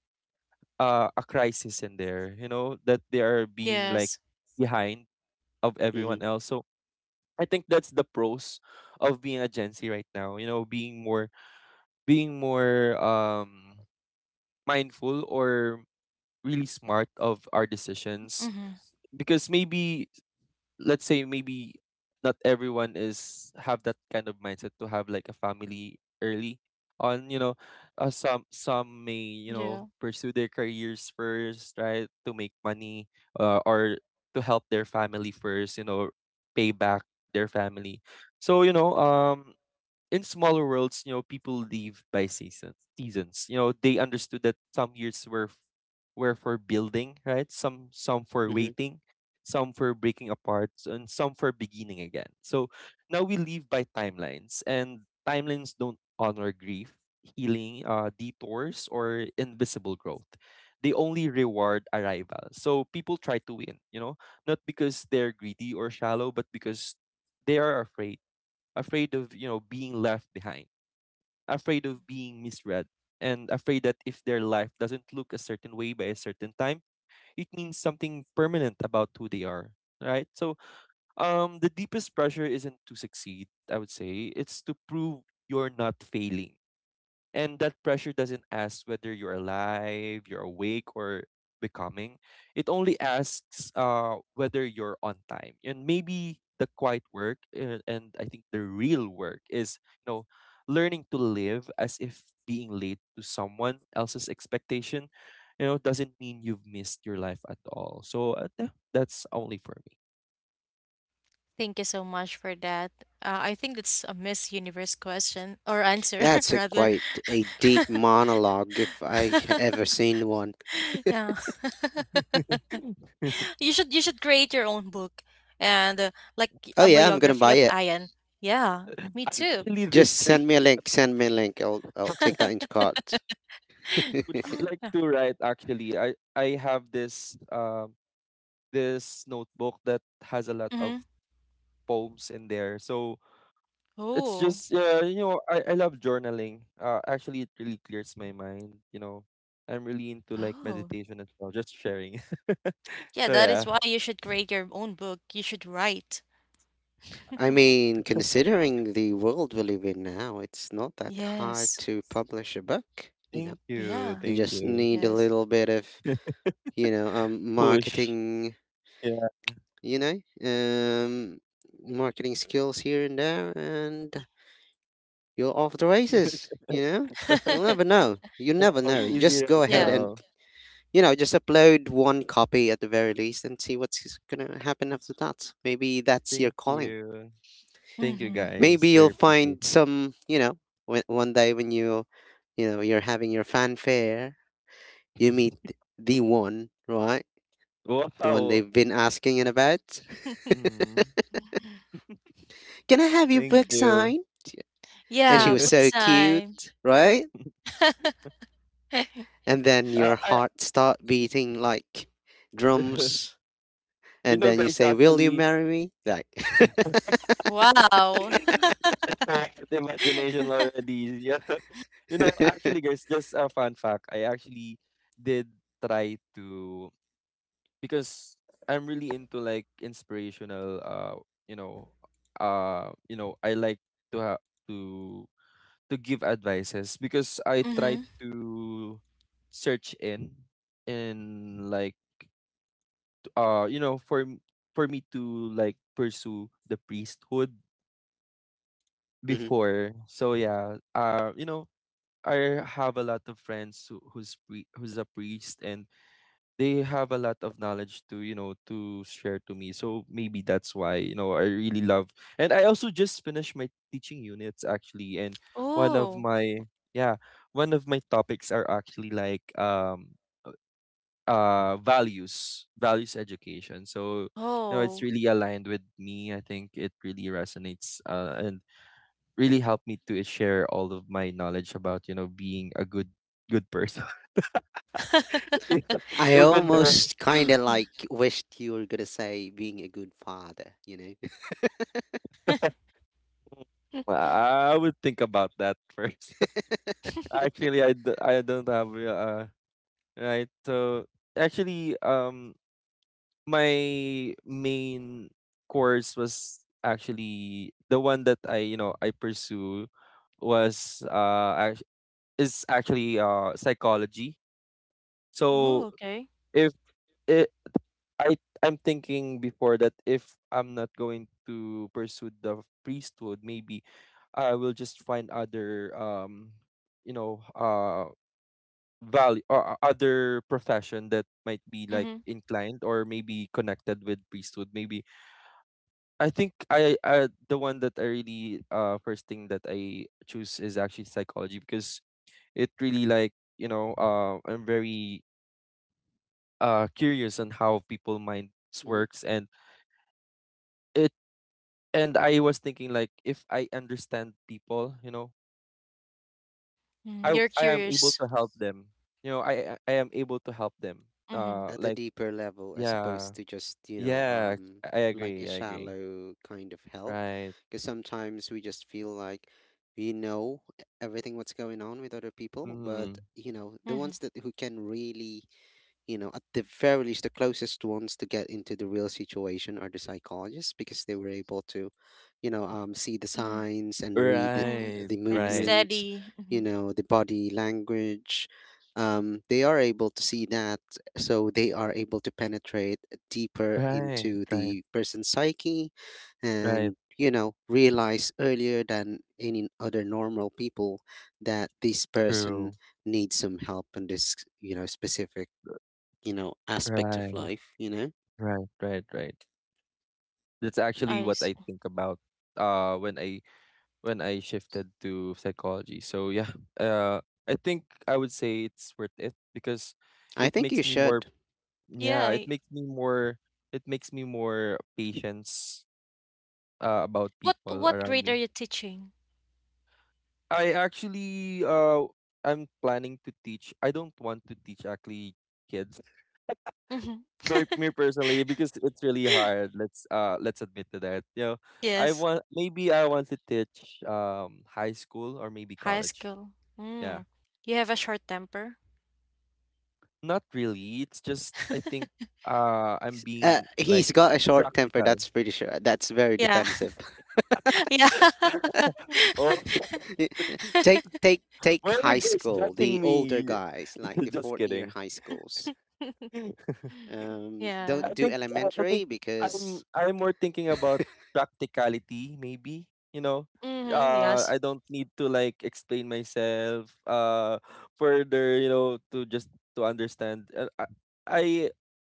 Speaker 3: a crisis in there, you know, that they are being like
Speaker 1: Yes.
Speaker 3: behind of everyone
Speaker 2: Mhm.
Speaker 3: else. So I think that's the pros of being a Gen Z right now. You know, being more, being more mindful, or really smart of our decisions,
Speaker 1: Mhm.
Speaker 3: because maybe, let's say, maybe not everyone is have that kind of mindset to have like a family early on, you know. Some may, you
Speaker 1: Yeah.
Speaker 3: know, pursue their careers first, right, to make money, or to help their family first, you know, pay back their family. So you know, in smaller worlds, you know, people lived by season seasons. You know, they understood that some years were were for building, right? Some for
Speaker 2: Mhm.
Speaker 3: waiting, some for breaking apart, and some for beginning again. So now we live by timelines, and timelines don't honor grief, healing, detours, or invisible growth. They only reward arrival. So people try to win, you know, not because they're greedy or shallow, but because they are afraid, afraid of, you know, being left behind, afraid of being misread, and afraid that if their life doesn't look a certain way by a certain time, it means something permanent about who they are, right? So, the deepest pressure isn't to succeed, I would say. It's to prove you're not failing, and that pressure doesn't ask whether you're alive, you're awake, or becoming. It only asks whether you're on time. And maybe the quiet work, and I think the real work, is, you know, learning to live as if being late to someone else's expectation, you know, doesn't mean you've missed your life at all. So yeah, that's only for me.
Speaker 1: Thank you so much for that. I think it's a Miss Universe question or answer [laughs]
Speaker 2: That's a
Speaker 1: rather.
Speaker 2: quite a deep monologue if I ever
Speaker 1: [laughs]
Speaker 2: seen one.
Speaker 1: yeah.
Speaker 3: [laughs]
Speaker 1: [laughs] You should create your own book and like
Speaker 2: Oh
Speaker 1: a
Speaker 2: yeah, I'm gonna
Speaker 1: biography
Speaker 2: buy
Speaker 1: of
Speaker 2: it.
Speaker 1: Ian. Yeah, me
Speaker 3: I
Speaker 1: too.
Speaker 3: actually did
Speaker 2: Just
Speaker 3: read,
Speaker 2: send me a link. Send me a link. I'll take that into cart.
Speaker 3: would, I'd like to write actually. I have this this notebook that has a lot of
Speaker 1: Mm-hmm.
Speaker 3: poems in there. So it's
Speaker 1: Oh.
Speaker 3: just, yeah, you know, I love journaling. Actually it really clears my mind, you know. I'm really into like
Speaker 1: Oh.
Speaker 3: meditation as well, just sharing. [laughs]
Speaker 1: Yeah,
Speaker 3: So
Speaker 1: that is
Speaker 3: yeah,
Speaker 1: why you should create your own book. You should write.
Speaker 3: I
Speaker 2: I
Speaker 3: hope.
Speaker 2: mean, considering the world we live in now, it's not that hard
Speaker 1: Yes.
Speaker 2: to publish a book, you know.
Speaker 3: Thank you.
Speaker 1: Yeah.
Speaker 2: You
Speaker 3: Thank
Speaker 2: just
Speaker 3: you.
Speaker 2: need a
Speaker 1: Yes.
Speaker 2: little bit of, you know, um
Speaker 3: Push.
Speaker 2: marketing,
Speaker 3: Yeah.
Speaker 2: you know, um marketing skills here and there, and you're off the
Speaker 3: [laughs] Yeah,
Speaker 2: races, you know? You'll never
Speaker 1: [laughs]
Speaker 2: know. You never know.
Speaker 3: it's
Speaker 2: You
Speaker 3: easy
Speaker 2: just go
Speaker 3: right
Speaker 2: ahead
Speaker 1: yeah.
Speaker 2: and,
Speaker 3: now.
Speaker 2: just upload one copy at the very least, and see what's going to happen after that. Maybe that's your
Speaker 3: Thank
Speaker 2: calling.
Speaker 3: you. Thank you
Speaker 1: hmm
Speaker 3: guys.
Speaker 2: Maybe you'll
Speaker 3: Sir.
Speaker 2: find some, one day when you, you're having your fanfare, you meet
Speaker 3: [laughs]
Speaker 2: the one, right? The one
Speaker 3: Wow.
Speaker 2: they've been asking in about.
Speaker 3: Mm.
Speaker 2: Can I have your
Speaker 3: Thank
Speaker 2: book
Speaker 3: you.
Speaker 2: signed? And she
Speaker 1: Yeah.
Speaker 2: was
Speaker 1: Book
Speaker 3: [laughs]
Speaker 2: so
Speaker 1: sign.
Speaker 2: cute, right?
Speaker 1: [laughs]
Speaker 2: And then your
Speaker 3: I,
Speaker 2: heart start beating like drums.
Speaker 3: [laughs] you
Speaker 2: And
Speaker 3: know,
Speaker 2: then you
Speaker 3: guys,
Speaker 2: say, "Will you
Speaker 3: actually,
Speaker 2: marry me?" Like,
Speaker 1: wow.
Speaker 3: [laughs]
Speaker 1: [laughs]
Speaker 3: the imagination already. Yeah. [laughs] You know,
Speaker 2: [laughs]
Speaker 3: actually, guys, just a fun fact. I actually did try to, because I'm really into like inspirational. You know, you know, I like to have, to to give advices, because I tried
Speaker 1: hmm
Speaker 3: to search in like you know, for for me to like pursue the priesthood
Speaker 2: Mhm.
Speaker 3: before. So yeah, you know, I have a lot of friends who, who's a priest, and they have a lot of knowledge to, you know, to share to me. So maybe that's why, you know, I really love. And I also just finished my teaching units actually, and one of
Speaker 1: Oh.
Speaker 3: my, yeah, one of my topics are actually like values, values education. So you know, it's
Speaker 1: Oh.
Speaker 3: really aligned with me, I think it really resonates, and really helped me to share all of my knowledge about, you know, being a good, good person. [laughs] E-
Speaker 1: [gasps]
Speaker 2: I
Speaker 3: Even though
Speaker 2: almost kind
Speaker 1: [laughs]
Speaker 2: of
Speaker 1: yeah.
Speaker 2: like wished you were gonna say being a good father, you
Speaker 3: [laughs] I would think about that first. [laughs] Actually, I don't have right, so actually, my main course was actually the one that I, you know, I pursue was is actually psychology. So
Speaker 1: Oh. Okay.
Speaker 3: if it, I I'm thinking before that, if I'm not going to pursue the priesthood, maybe I will just find other you know value or other profession that might be like
Speaker 1: hmm
Speaker 3: inclined or maybe connected with priesthood. Maybe I think I the one that I really first thing that I choose is actually psychology, because it really like, you know, I'm very curious on how people minds
Speaker 2: know.
Speaker 3: works.
Speaker 2: [laughs]
Speaker 3: And it, and I was thinking like, if I understand people, you know,
Speaker 1: mm You're
Speaker 3: I am able
Speaker 1: curious.
Speaker 3: to help them, you know, I am able to help them,
Speaker 1: Hmm
Speaker 2: At a
Speaker 3: like,
Speaker 2: deeper level as
Speaker 3: yeah,
Speaker 2: opposed to just,
Speaker 3: yeah, I
Speaker 2: like a
Speaker 3: agree, I agree,
Speaker 2: shallow kind of help.
Speaker 3: right.
Speaker 2: Because sometimes we just feel like we know everything what's going on with other people, but,
Speaker 3: Mm,
Speaker 2: the ones
Speaker 1: hmm
Speaker 2: that who can really, you know, at the very least, the closest ones to get into the real situation are the psychologists, because they were able to, see the
Speaker 1: Right.
Speaker 2: signs and read
Speaker 1: hmm
Speaker 3: right,
Speaker 2: the
Speaker 1: And it's
Speaker 3: right,
Speaker 2: movements,
Speaker 1: steady.
Speaker 2: you
Speaker 1: Mm-hmm.
Speaker 2: know, the body language. They are able to see that, so they are able to penetrate deeper
Speaker 3: right,
Speaker 2: into
Speaker 3: right,
Speaker 2: the person's psyche,
Speaker 3: right.
Speaker 2: and, realize earlier than any other normal people that this person
Speaker 3: True.
Speaker 2: needs some help in this, specific, aspect of
Speaker 3: Right,
Speaker 2: life, you know?
Speaker 3: right, right, right. That's actually what
Speaker 1: Eyes.
Speaker 3: I think about when I, when I shifted to psychology. So yeah, uh I think I would say it's worth it because
Speaker 2: I
Speaker 3: it
Speaker 2: think
Speaker 3: makes
Speaker 2: you
Speaker 3: me more,
Speaker 2: should.
Speaker 1: Yeah.
Speaker 3: yeah, it makes me more, it makes me more patience about
Speaker 1: What
Speaker 3: people around
Speaker 1: Grade are
Speaker 3: me.
Speaker 1: you teaching?
Speaker 3: I actually I'm planning to teach. I don't want to teach actually kids,
Speaker 1: Hmm
Speaker 3: for me personally, because it's really hard, let's admit to that, you know. I
Speaker 1: Yes.
Speaker 3: want, maybe I want to teach high school or maybe
Speaker 1: High
Speaker 3: college.
Speaker 1: school.
Speaker 3: Yeah,
Speaker 1: Mm. You have a short temper?
Speaker 3: not really, it's just I think I'm being like
Speaker 2: He's got a short temper,
Speaker 3: practical.
Speaker 2: that's pretty sure. That's very
Speaker 1: Yeah.
Speaker 2: defensive.
Speaker 1: [laughs] Yeah. [laughs]
Speaker 3: [laughs] Oh [laughs]
Speaker 2: [laughs] Y- Take take take
Speaker 3: why are you
Speaker 2: high
Speaker 3: guys
Speaker 2: school,
Speaker 3: judging
Speaker 2: the older
Speaker 3: me?
Speaker 2: guys, like
Speaker 3: [laughs]
Speaker 2: the
Speaker 3: Just
Speaker 2: fourth year
Speaker 3: kidding.
Speaker 2: high schools.
Speaker 3: [laughs]
Speaker 1: Yeah.
Speaker 3: I
Speaker 2: Don't do
Speaker 3: think I think
Speaker 2: elementary
Speaker 3: I'm
Speaker 2: because
Speaker 3: I'm more thinking about
Speaker 2: [laughs]
Speaker 3: practicality, maybe. You know,
Speaker 1: Mm-hmm. Yes.
Speaker 3: I don't need to like explain myself further. You know, to just to understand. I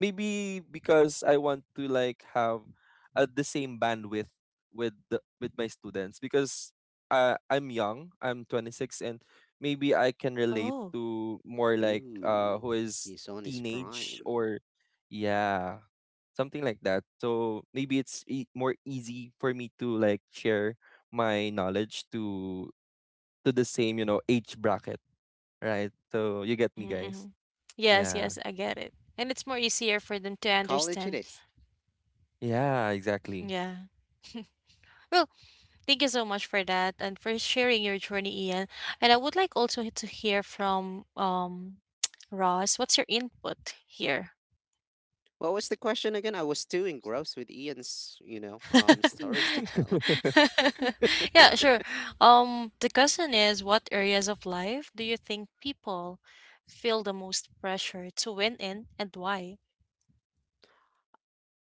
Speaker 3: maybe because I want to like have the same bandwidth with the, with my students, because I'm young. I'm 26, and maybe I can relate
Speaker 1: Oh.
Speaker 3: to more like who
Speaker 2: Ooh,
Speaker 3: is
Speaker 2: he's on his
Speaker 3: teenage,
Speaker 2: prime.
Speaker 3: or yeah, something like that. So maybe it's more easy for me to like share my knowledge to the same, you know, age bracket, right? So you get me, guys.
Speaker 1: Mm-hmm. Yes,
Speaker 3: Yeah.
Speaker 1: yes, I get it. And it's more easier for them to
Speaker 2: College it
Speaker 1: understand.
Speaker 2: is.
Speaker 3: Yeah, exactly.
Speaker 1: Yeah. Well, thank you so much for that and for sharing your journey, Ian. And I would like also to hear from [tsk] Ross. What's your input here?
Speaker 2: What was the question again? I was too engrossed with Ian's, stories to tell.
Speaker 3: [laughs]
Speaker 1: [laughs] Yeah, sure. The question is, what areas of life do you think people feel the most pressure to win in and why?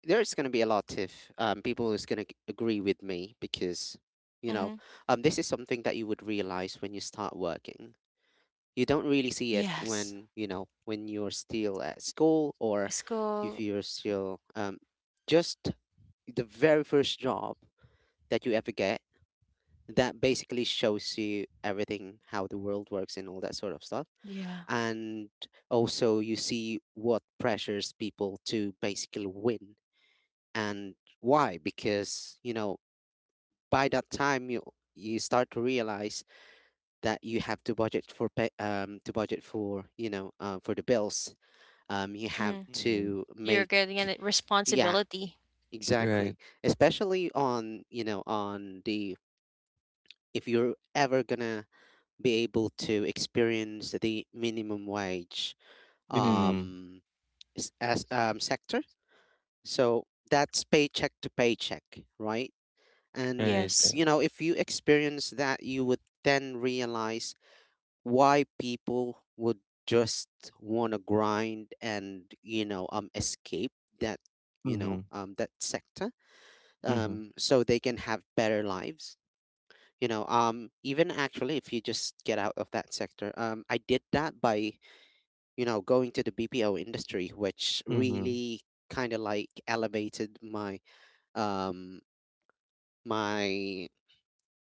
Speaker 2: There's going to be a lot of people who's going to agree with me because, you know
Speaker 1: Mm-hmm.
Speaker 2: this is something that you would realize when you start working. You don't really see it
Speaker 1: Yes.
Speaker 2: when you're still at school, or if
Speaker 1: School,
Speaker 2: you're still, just the very first job that you ever get that basically shows you everything how the world works and all that sort of stuff,
Speaker 1: yeah.
Speaker 2: and also you see what pressures people to basically win, and why. Because, by that time you start to realize that you have to budget for pay, to budget for, for the bills, you have
Speaker 1: Mm-hmm.
Speaker 3: Mm,
Speaker 2: to
Speaker 1: You're
Speaker 2: make,
Speaker 1: getting a
Speaker 2: yeah,
Speaker 1: responsibility.
Speaker 3: right.
Speaker 2: exactly, especially on you know on the if you're ever gonna be able to experience the minimum wage,
Speaker 1: Mm-hmm.
Speaker 3: Mm,
Speaker 2: um as sector, so that's paycheck to paycheck, right.
Speaker 3: right.
Speaker 2: And,
Speaker 1: Yes.
Speaker 2: if you experience that, you would then realize why people would just want to grind and, escape that, you
Speaker 3: Mm-hmm.
Speaker 2: know, um, that sector,
Speaker 3: Mm-hmm.
Speaker 2: so they can have better lives. Even actually, if you just get out of that sector, I did that by, going to the BPO industry, which
Speaker 3: Mm-hmm.
Speaker 2: really kind of like elevated my, um, my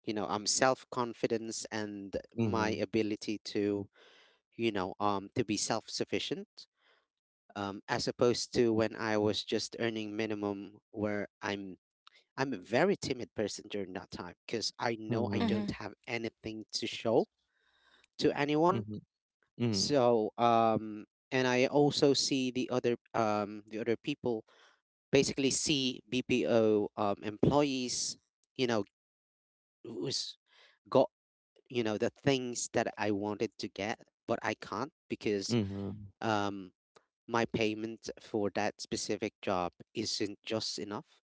Speaker 2: self confidence, and my
Speaker 3: Mm-hmm.
Speaker 2: ability to, to be self sufficient, as opposed to when I was just earning minimum, where I'm a very timid person during that time, because I know I
Speaker 3: Mm-hmm.
Speaker 2: don't
Speaker 1: Mm-hmm.
Speaker 2: have anything to show to anyone.
Speaker 3: Mm-hmm. Mm-hmm.
Speaker 2: So, and I also see the other, people basically see BPO, employees, you know who's got, the things that I wanted to get but I can't because,
Speaker 3: Mm-hmm.
Speaker 2: um my payment for that specific job isn't just enough.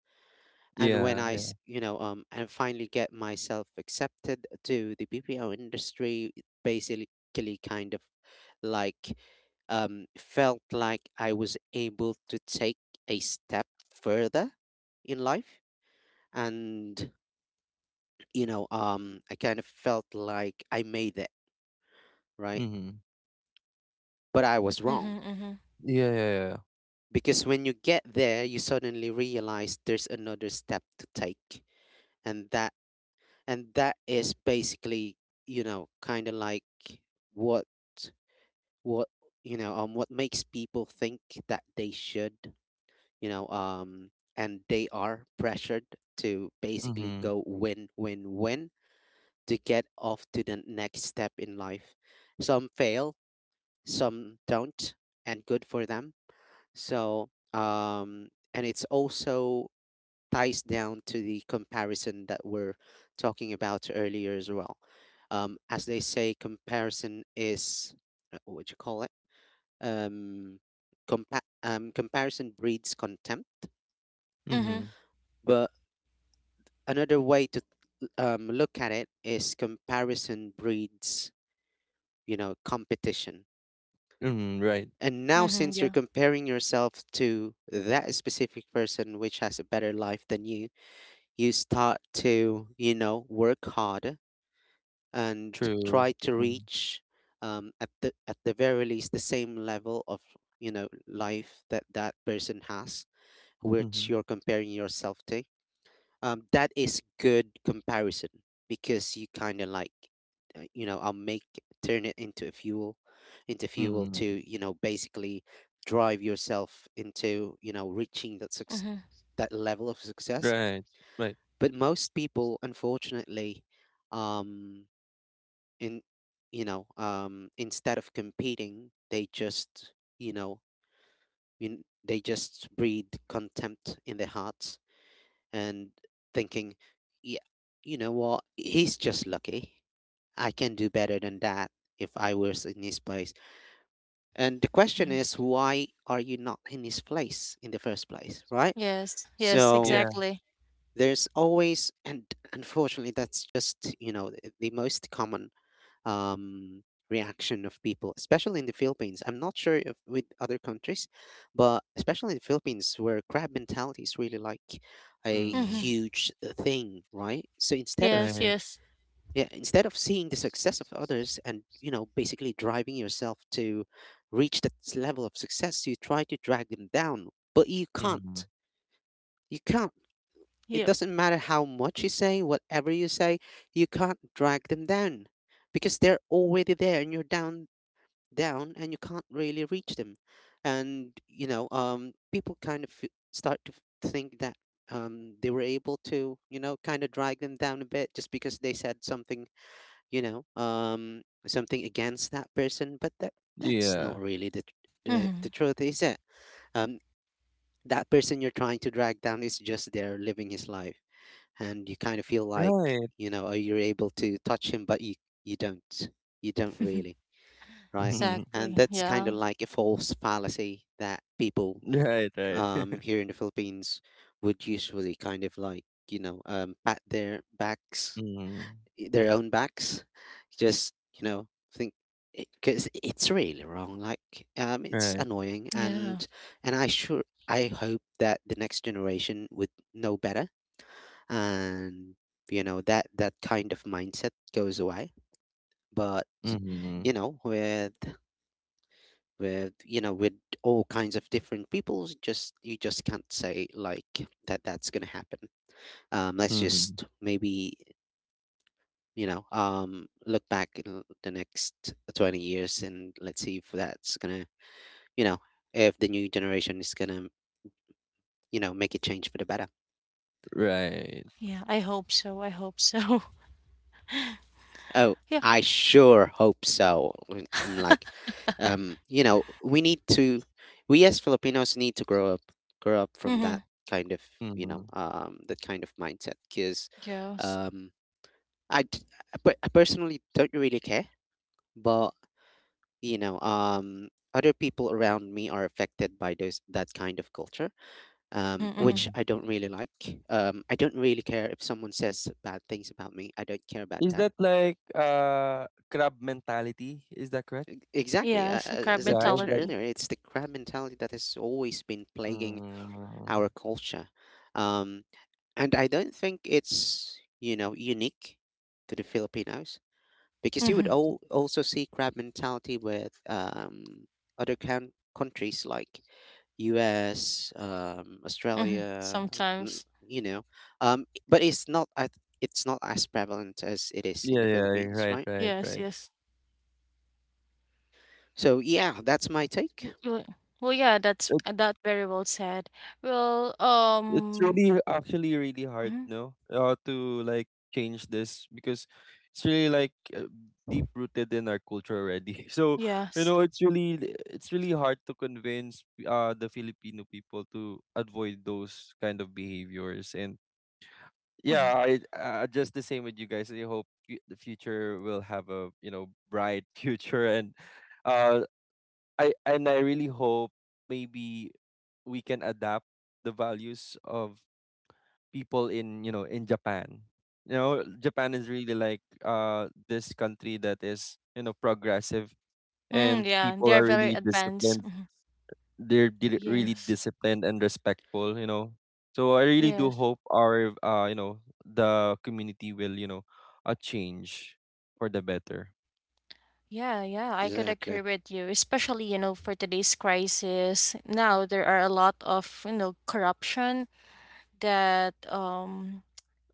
Speaker 2: And when
Speaker 3: Yeah,
Speaker 2: I
Speaker 3: yeah.
Speaker 2: s- you know and finally get myself accepted to the BPO industry, it basically kind of like, felt like I was able to take a step further in life, and, I kind of felt like I made it, right.
Speaker 3: Mm-hmm.
Speaker 2: But I was wrong.
Speaker 1: Mm-hmm. Mm-hmm.
Speaker 3: Yeah, yeah, yeah.
Speaker 2: Because when you get there, you suddenly realize there's another step to take. And that is basically, you know, kinda like what what what makes people think that they should, and they are pressured to basically
Speaker 3: Mm-hmm.
Speaker 2: go win win win to get off to the next step in life. Some fail, some don't, and good for them. So, and it's also ties down to the comparison that we're talking about earlier as well. As they say, comparison is, what would you call it? Um, comparison breeds contempt.
Speaker 3: Mm-hmm.
Speaker 1: Mm-hmm.
Speaker 2: But another way to, look at it is comparison breeds, competition.
Speaker 3: Mm-hmm. Right.
Speaker 2: And now,
Speaker 1: Mm-hmm.
Speaker 2: since you're
Speaker 1: Yeah.
Speaker 2: comparing yourself to that specific person which has a better life than you, you start to work harder and
Speaker 3: True.
Speaker 2: try to
Speaker 3: Mm-hmm.
Speaker 2: reach at the very least the same level of life that that person has which
Speaker 3: Mm-hmm.
Speaker 2: you're comparing yourself to. Um, that is good comparison because you kind of like you know I'll make turn it into a fuel, into fuel to
Speaker 3: Mm-hmm.
Speaker 2: basically drive yourself into reaching that success,
Speaker 1: Mm-hmm.
Speaker 2: that level of success.
Speaker 3: Right. Right.
Speaker 2: But most people, unfortunately, um, in instead of competing, they just they just breed contempt in their hearts and thinking, yeah, you know what, he's just lucky. I can do better than that if I was in his place. And the question
Speaker 1: Mm-hmm.
Speaker 2: is, why are you not in his place in the first place, right?
Speaker 1: Yes. Yes,
Speaker 2: So
Speaker 3: Yeah.
Speaker 1: exactly.
Speaker 2: there's always, and unfortunately that's just the most common um reaction of people, especially in the Philippines. I'm not sure if with other countries, but especially in the Philippines where crab mentality is really like a
Speaker 1: Mm-hmm.
Speaker 3: Mm.
Speaker 2: huge thing, right? So instead of,
Speaker 1: Yes,
Speaker 3: Right.
Speaker 1: yes.
Speaker 2: yeah, instead of seeing the success of others and basically driving yourself to reach that level of success, you try to drag them down, but you
Speaker 3: Mhm.
Speaker 2: can't. You can't. It
Speaker 1: Yep.
Speaker 2: doesn't matter how much you say, whatever you say, you can't drag them down because they're already there and you're down, down, and you can't really reach them. And people kind of start to think that they were able to, kind of drag them down a bit just because they said something, something against that person, but that, that's
Speaker 3: Yeah.
Speaker 2: not really the the
Speaker 1: Mm-hmm.
Speaker 2: truth, is it? Um that person you're trying to drag down is just there living his life, and you kind of feel like,
Speaker 3: Right.
Speaker 2: oh, you're able to touch him, but you don't, you don't really, right?
Speaker 3: [laughs]
Speaker 2: And
Speaker 1: Exactly.
Speaker 2: that's kind of
Speaker 1: Yeah.
Speaker 2: like a false fallacy that people
Speaker 3: Right, right. [laughs]
Speaker 2: here in the Philippines would usually kind of like pat their backs,
Speaker 3: Mhm.
Speaker 2: their own backs, just think, because it's really wrong, like it's
Speaker 3: Right.
Speaker 2: annoying.
Speaker 1: Yeah.
Speaker 2: And I sure, I hope that the next generation would know better, and that that kind of mindset goes away. But you
Speaker 3: Mhm.
Speaker 2: know with you know with all kinds of different people, just you just can't say like that that's gonna happen. Um, let's
Speaker 3: Mhm.
Speaker 2: just maybe look back in the next 20 years and let's see if that's gonna, you know if the new generation is gonna, make a change for the better.
Speaker 3: Right.
Speaker 1: Yeah, I hope so. [laughs]
Speaker 2: Oh,
Speaker 1: Yeah.
Speaker 2: I sure hope so. I'm like, we need to, we as Filipinos need to grow up from
Speaker 1: Mhm.
Speaker 2: that kind of,
Speaker 3: Mhm.
Speaker 2: that kind of mindset. Because,
Speaker 1: Yes.
Speaker 2: um, I, I I personally don't really care, but you know, um, other people around me are affected by those, that kind of culture,
Speaker 1: Mhm, mhm.
Speaker 2: which
Speaker 3: Mhm.
Speaker 2: I don't really like. I don't really care if someone says bad things about me. I don't care about
Speaker 3: Is
Speaker 2: that.
Speaker 3: that like crab mentality? Is that correct?
Speaker 2: Exactly.
Speaker 1: Yes, like our
Speaker 2: As I've
Speaker 3: Yeah, is
Speaker 2: mentioned
Speaker 3: that,
Speaker 1: mentality.
Speaker 2: earlier, it's the crab mentality that has always been plaguing
Speaker 3: mm.
Speaker 2: our culture. Um, and I don't think it's, unique to the Filipinos, because you would
Speaker 1: Mhm,
Speaker 2: also see crab mentality with other countries like US,
Speaker 1: mhm.
Speaker 2: Australia, n-
Speaker 1: Sometimes.
Speaker 2: you know. But it's not at, it's not as prevalent as it is in
Speaker 3: Yeah,
Speaker 2: the
Speaker 3: yeah,
Speaker 2: Philippines,
Speaker 3: right,
Speaker 2: right?
Speaker 3: right,
Speaker 1: Yes,
Speaker 3: right.
Speaker 1: yes.
Speaker 2: So yeah, that's my
Speaker 1: W
Speaker 2: take.
Speaker 1: w well, yeah, that's that very well said. Well,
Speaker 3: It's really actually really hard
Speaker 1: mhm,
Speaker 3: no to like change this, because it's really like deep rooted in our culture already. [laughs] So you
Speaker 1: yes.
Speaker 3: know, it's really, it's really hard to convince the filipino people to avoid those kind of behaviors. And yeah,
Speaker 1: Mhm.
Speaker 3: I just the same with you guys, I hope the future will have a, you know, bright [laughs] future. And uh I, and I really hope maybe we can adapt the values of people in, you know, in Japan. You know, Japan is really like this country that is, you know, progressive,
Speaker 1: Mm,
Speaker 3: and
Speaker 1: yeah,
Speaker 3: people
Speaker 1: they're
Speaker 3: are
Speaker 1: very
Speaker 3: really
Speaker 1: advanced.
Speaker 3: disciplined.
Speaker 1: Mhm.
Speaker 3: They're really
Speaker 1: Yes.
Speaker 3: disciplined and respectful. You know, so I really do
Speaker 1: Yes.
Speaker 3: hope our you know, the community will, you know, a change for the better.
Speaker 1: Yeah, yeah, I could agree
Speaker 2: Exactly.
Speaker 1: with you, especially, you know, for today's crisis. Now there are a lot of, you know, corruption that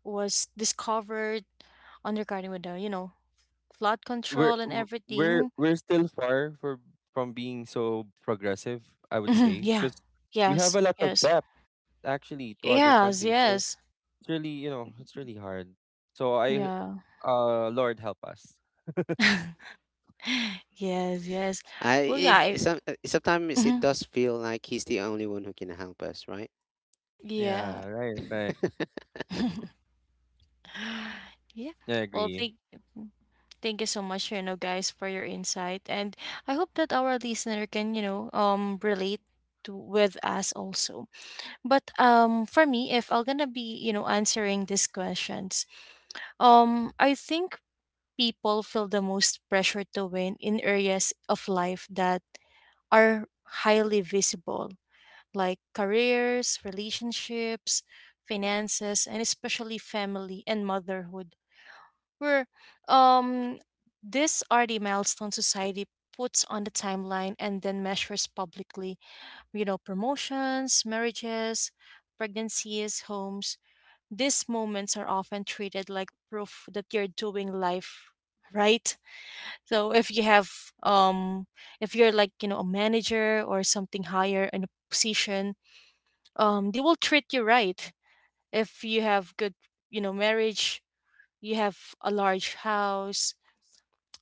Speaker 1: was discovered on regarding with the you know flood
Speaker 3: We're
Speaker 1: control and everything.
Speaker 3: we're still far for from being so progressive. I would
Speaker 1: Mhm,
Speaker 3: say,
Speaker 1: yeah.
Speaker 3: because we have
Speaker 1: Yes.
Speaker 3: a lot of
Speaker 1: Yes.
Speaker 3: debt actually to other
Speaker 1: Yes.
Speaker 3: countries. So
Speaker 1: Yes.
Speaker 3: it's really, you know, it's really hard. So I,
Speaker 1: Yeah.
Speaker 3: Lord help us. [laughs]
Speaker 1: [laughs] yes. Yes. Well, yeah.
Speaker 2: Sometimes it
Speaker 1: Mhm.
Speaker 2: does feel like he's the only one who can help us, right?
Speaker 1: Yeah.
Speaker 3: Yeah, right, right.
Speaker 2: [laughs]
Speaker 1: [sighs] Yeah.
Speaker 3: I
Speaker 1: Well,
Speaker 3: agree.
Speaker 1: thank you so much, you know, guys, for your insight, and I hope that our listener can you know relate. To, with us also but for me if I'm gonna be you know answering these questions I think people feel the most pressure to win in areas of life that are highly visible, like careers, relationships, finances, and especially family and motherhood, where um, these are the milestone society puts on the timeline and then measures publicly, you know, promotions, marriages, pregnancies, homes. These moments are often treated like proof that you're doing life right. So if you have um if you're like, you know, a manager or something higher in a position, they will treat you right. If you have good, you know, marriage, you have a large house,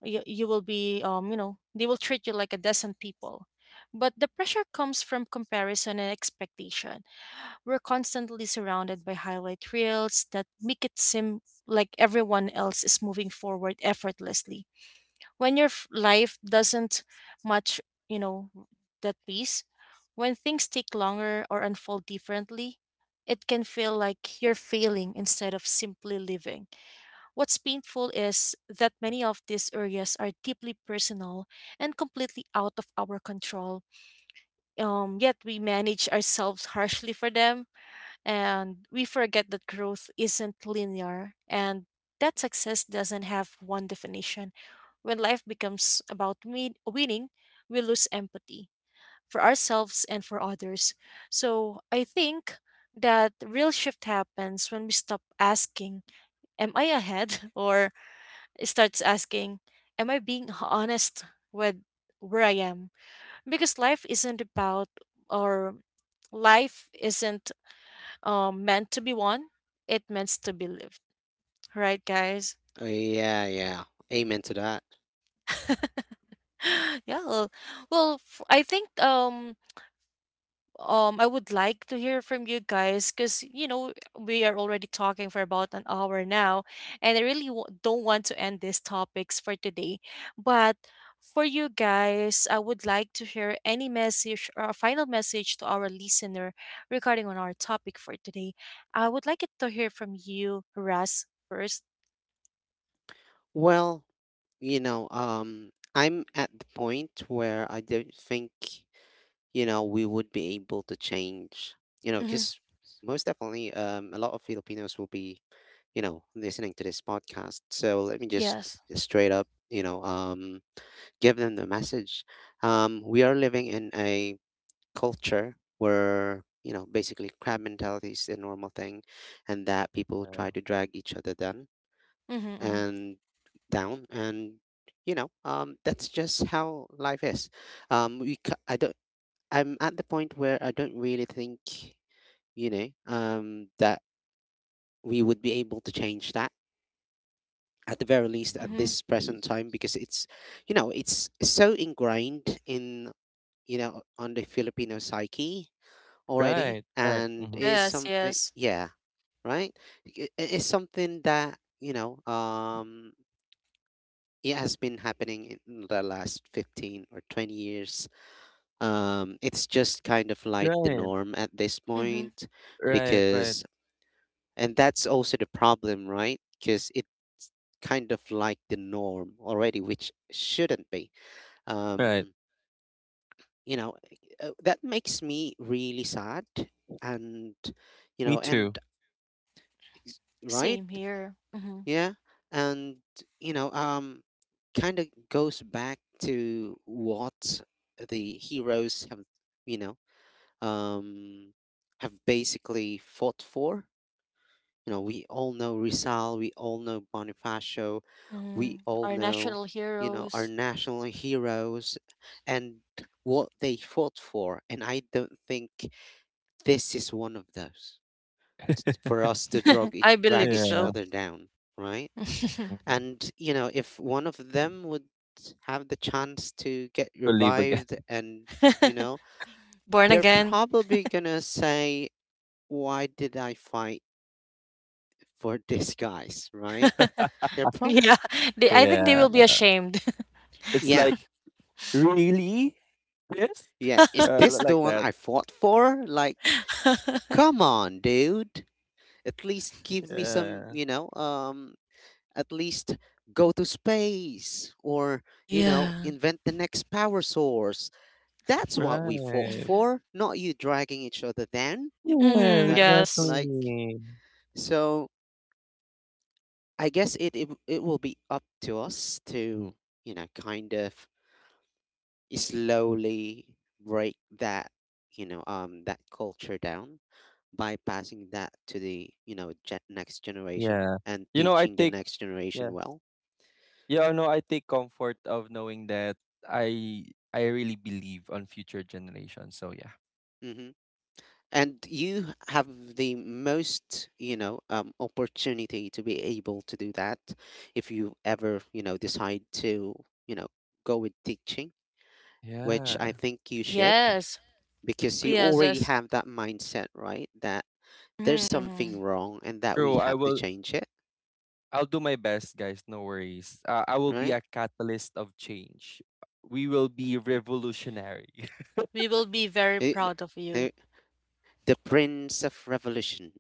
Speaker 1: you will be you know, they will treat you like a decent people. But the pressure comes from comparison and expectation. We're constantly surrounded by highlight reels that make it seem like everyone else is moving forward effortlessly when your life doesn't match, you know, that pace. When things take longer or unfold differently, it can feel like you're failing instead of simply living. What's painful is that many of these areas are deeply personal and completely out of our control. Yet we manage ourselves harshly for them and we forget that growth isn't linear and that success doesn't have one definition. When life becomes about winning, we lose empathy for ourselves and for others. So I think that real shift happens when we stop asking, "Am I ahead?" [laughs] or starts asking, "Am I being honest with where I am?" Because life isn't about or life isn't meant to be won, it meant to be lived, right, guys?
Speaker 2: Yeah, yeah. Amen to that.
Speaker 1: [gasps] yeah. Well, I think I would like to hear from you guys because you know we are already talking for about an hour now, and I really don't want to end these topics for today, but. For you guys, I would like to hear any message or a final message to our listener regarding on our topic for today. I would like it to hear from you, Russ, first.
Speaker 2: Well, I'm at the point where I don't think, we would be able to change,
Speaker 1: Mhm.
Speaker 2: because most definitely, a lot of Filipinos will be, listening to this podcast. So let me just
Speaker 1: Yes.
Speaker 2: straight up, give them the message. We are living in a culture where, basically crab mentality is a normal thing, and that people
Speaker 3: Yeah.
Speaker 2: try to drag each other down
Speaker 1: Mhm, mhm,
Speaker 2: and down, and that's just how life is. We ca- I don't I'm at the point where I don't really think, that we would be able to change that, at the very least at
Speaker 1: mhm.
Speaker 3: Mhm.
Speaker 2: this
Speaker 3: Y-
Speaker 2: present time, because it's, it's so ingrained in, on the Filipino psyche already.
Speaker 3: Right, right.
Speaker 2: And
Speaker 3: Hmm.
Speaker 2: it's
Speaker 1: Yes,
Speaker 2: something,
Speaker 1: yes.
Speaker 2: yeah, right? It's something that, it has been happening in the last 15 or 20 years. It's just kind of like the
Speaker 3: Right,
Speaker 2: norm at this
Speaker 1: Mhm.
Speaker 2: point,
Speaker 3: right, right,
Speaker 2: because. And that's also the problem, right? Because it, kind of like the norm already, which shouldn't be.
Speaker 3: right.
Speaker 2: Um, you know, that makes me really sad. And, you
Speaker 3: Me
Speaker 2: know,
Speaker 3: too.
Speaker 2: and, right?
Speaker 1: Same here. Mhm,
Speaker 2: Yeah. And, you know, um, kind of goes back to what the heroes have, you know, um, have basically fought for. You know, we all know Rizal, we all know Bonifacio, we
Speaker 1: mhm.
Speaker 2: all
Speaker 1: Our
Speaker 2: know,
Speaker 1: national
Speaker 2: our
Speaker 1: heroes.
Speaker 2: national heroes, and what they fought for. And I don't think this is one of those, for us to
Speaker 1: [laughs]
Speaker 2: drag, it,
Speaker 1: I
Speaker 2: drag
Speaker 1: believe
Speaker 2: each
Speaker 3: Yeah.
Speaker 1: so.
Speaker 2: other down, right?
Speaker 1: [laughs]
Speaker 3: Hmm.
Speaker 2: And, if one of them would have the chance to get
Speaker 3: To leave again.
Speaker 2: revived and, you know,
Speaker 1: Born
Speaker 2: they're
Speaker 1: again.
Speaker 2: probably going to say, why did I fight for these guys, right?
Speaker 1: [laughs]
Speaker 2: They're prob
Speaker 1: Yeah, they,
Speaker 3: [laughs]
Speaker 1: I think they
Speaker 3: Yeah.
Speaker 1: will be ashamed.
Speaker 3: It's
Speaker 2: Yeah,
Speaker 3: like, really? This?
Speaker 2: yeah. Is this the
Speaker 3: Like
Speaker 2: one
Speaker 3: that.
Speaker 2: I fought for? Like,
Speaker 1: [laughs]
Speaker 2: come on, dude. At least give me some,
Speaker 3: Yeah.
Speaker 2: at least go to space, or,
Speaker 1: Yeah.
Speaker 2: invent the next power source. That's what we fought
Speaker 3: Right.
Speaker 2: for, not you dragging each other down,
Speaker 3: Yeah,
Speaker 1: Mm-hmm,
Speaker 2: right?
Speaker 1: yes.
Speaker 2: Like,
Speaker 3: exactly.
Speaker 2: so I guess it, it, it will be up to us to, kind of slowly break that, that culture down by passing that to the next generation
Speaker 3: Yeah.
Speaker 2: and
Speaker 3: You know, I
Speaker 2: teaching the
Speaker 3: take,
Speaker 2: next generation
Speaker 3: yeah.
Speaker 2: well.
Speaker 3: Yeah, no, I take comfort of knowing that I I really believe on future generations. So yeah.
Speaker 2: Hmm. And you have the most opportunity to be able to do that, if you ever decide to, you know go with teaching, which I
Speaker 3: Yeah.
Speaker 2: think you should,
Speaker 1: Yes.
Speaker 2: because you
Speaker 1: Yes,
Speaker 2: already
Speaker 1: yes.
Speaker 2: have that mindset, right? That there's
Speaker 1: Mm-hmm, mm-hmm.
Speaker 2: something wrong and that we
Speaker 3: True. I
Speaker 2: have to
Speaker 3: will,
Speaker 2: change it,
Speaker 3: I'll do my best, guys. No worries. I will be
Speaker 2: right?
Speaker 3: a catalyst of change. We will be revolutionary.
Speaker 1: We will be very
Speaker 2: Eh,
Speaker 1: proud of you.
Speaker 2: the, the prince of revolution,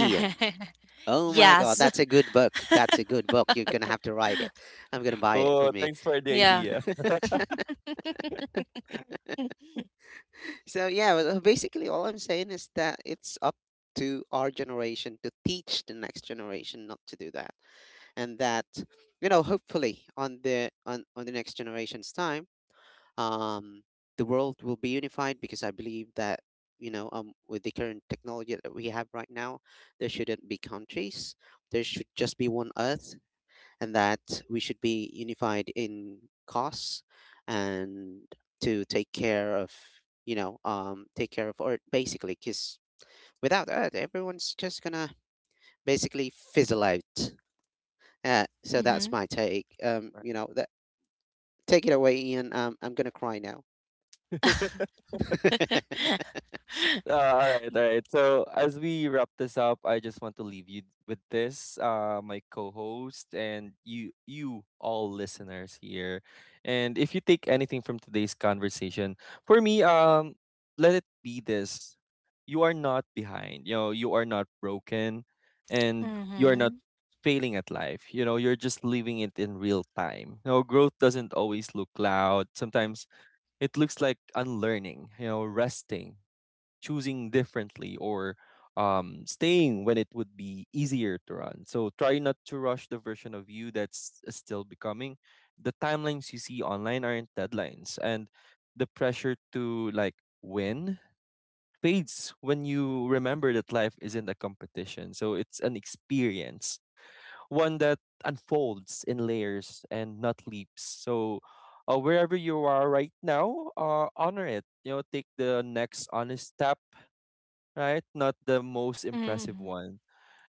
Speaker 2: Ian. Oh my god,
Speaker 1: Yes.
Speaker 2: that's a good book. That's a good book. You're gonna have to write it. I'm gonna
Speaker 3: [laughs]
Speaker 2: buy it for
Speaker 3: Oh,
Speaker 2: me.
Speaker 3: thanks for the
Speaker 1: Yeah.
Speaker 3: idea.
Speaker 2: So yeah, well, basically all I'm saying is that it's up to our generation to teach the next generation not to do that, and that hopefully on the on the next generation's time, um, the world will be unified, because I believe that with the current technology that we have right now, there shouldn't be countries. There should just be one Earth, and that we should be unified in costs, and to take care of, take care of Earth, basically, because without Earth everyone's just gonna basically fizzle out. So that's
Speaker 1: Mm-hmm.
Speaker 2: my take. You know that Take it away, Ian. I'm gonna cry now.
Speaker 3: Right. [laughs]
Speaker 2: [laughs]
Speaker 3: All right, all right. So as we wrap this up, I just want to leave you with this, my co-host and you all listeners here. And if you take anything from today's conversation, for me, let it be this: you are not behind. You know, you are not broken, and you are not
Speaker 1: Mm-hmm.
Speaker 3: failing at life. You know, you're just living it in real time. You know, growth doesn't always look loud. Sometimes it looks like unlearning. You know, resting, choosing differently, or staying when it would be easier to run. So try not to rush the version of you that's still becoming. The timelines you see online aren't deadlines, and the pressure to like win fades when you remember that life isn't a competition. So it's an experience, one that unfolds in layers and not leaps. So wherever you are right now, honor it. You know, take the next honest step, right? Not the most impressive
Speaker 1: Mm-hmm.
Speaker 3: one.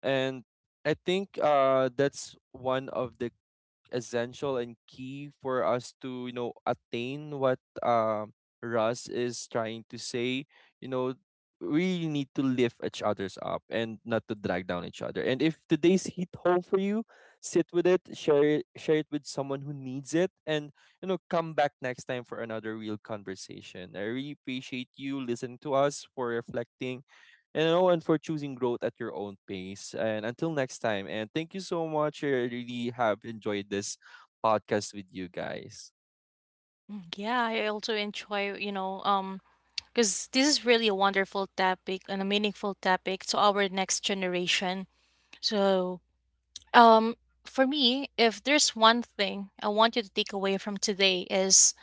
Speaker 3: And I think that's one of the essential and key for us to, you know, attain what Russ is trying to say. You know, we need to lift each other's up and not to drag down each other. And if today's hit home for you, sit with it, share it, share it with someone who needs it, and you know, come back next time for another real conversation. I really appreciate you listening to us for reflecting and Owen for choosing growth at your own pace. And until next time, and thank you so much. I really have enjoyed this podcast with you guys.
Speaker 1: Mm, yeah, I also enjoy, you know, because this is really a wonderful topic and a meaningful topic to our next generation. So, um, for me, if there's one thing I want you to take away from today is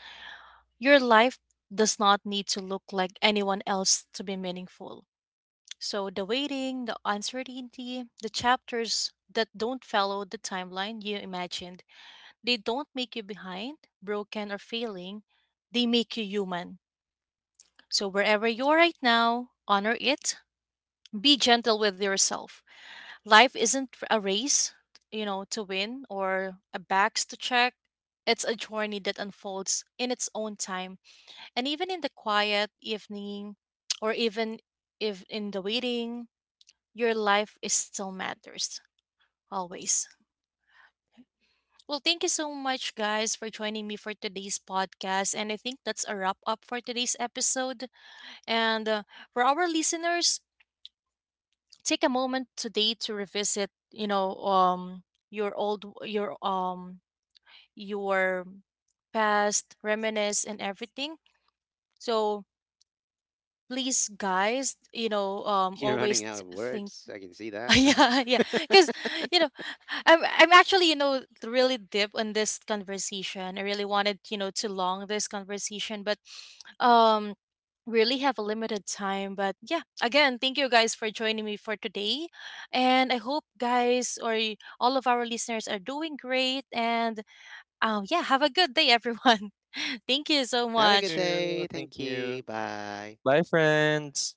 Speaker 1: your life does not need to look like anyone else to be meaningful. So the waiting, the uncertainty, the chapters that don't follow the timeline you imagined, they don't make you behind, broken, or failing. They make you human. So, wherever you're right now, honor it. Be gentle with yourself. Life isn't a race, you know, to win or a box to check. It's a journey that unfolds in its own time. And even in the quiet evening, or even if in the waiting, your life is still matters always. Well, thank you so much, guys, for joining me for today's podcast. And I think that's a wrap up for today's episode. And for our listeners, take a moment today to revisit you know your old your past reminisce and everything. So please guys you know
Speaker 2: You're running
Speaker 1: always
Speaker 2: out of
Speaker 1: think.
Speaker 2: words. I can see
Speaker 1: [laughs]
Speaker 2: that.
Speaker 1: Yeah
Speaker 2: [laughs]
Speaker 1: because you know i'm actually you know really deep in this conversation. I really wanted you know to long this conversation but um really have a limited time. But yeah again thank you guys for joining me for today and I hope guys or all of our listeners are doing great and yeah have a good day everyone. [laughs] Thank you so
Speaker 2: Have a good
Speaker 3: Thank
Speaker 1: much.
Speaker 3: you.
Speaker 2: day.
Speaker 3: Thank
Speaker 2: Thank
Speaker 3: you.
Speaker 2: you. Bye.
Speaker 3: Bye, friends.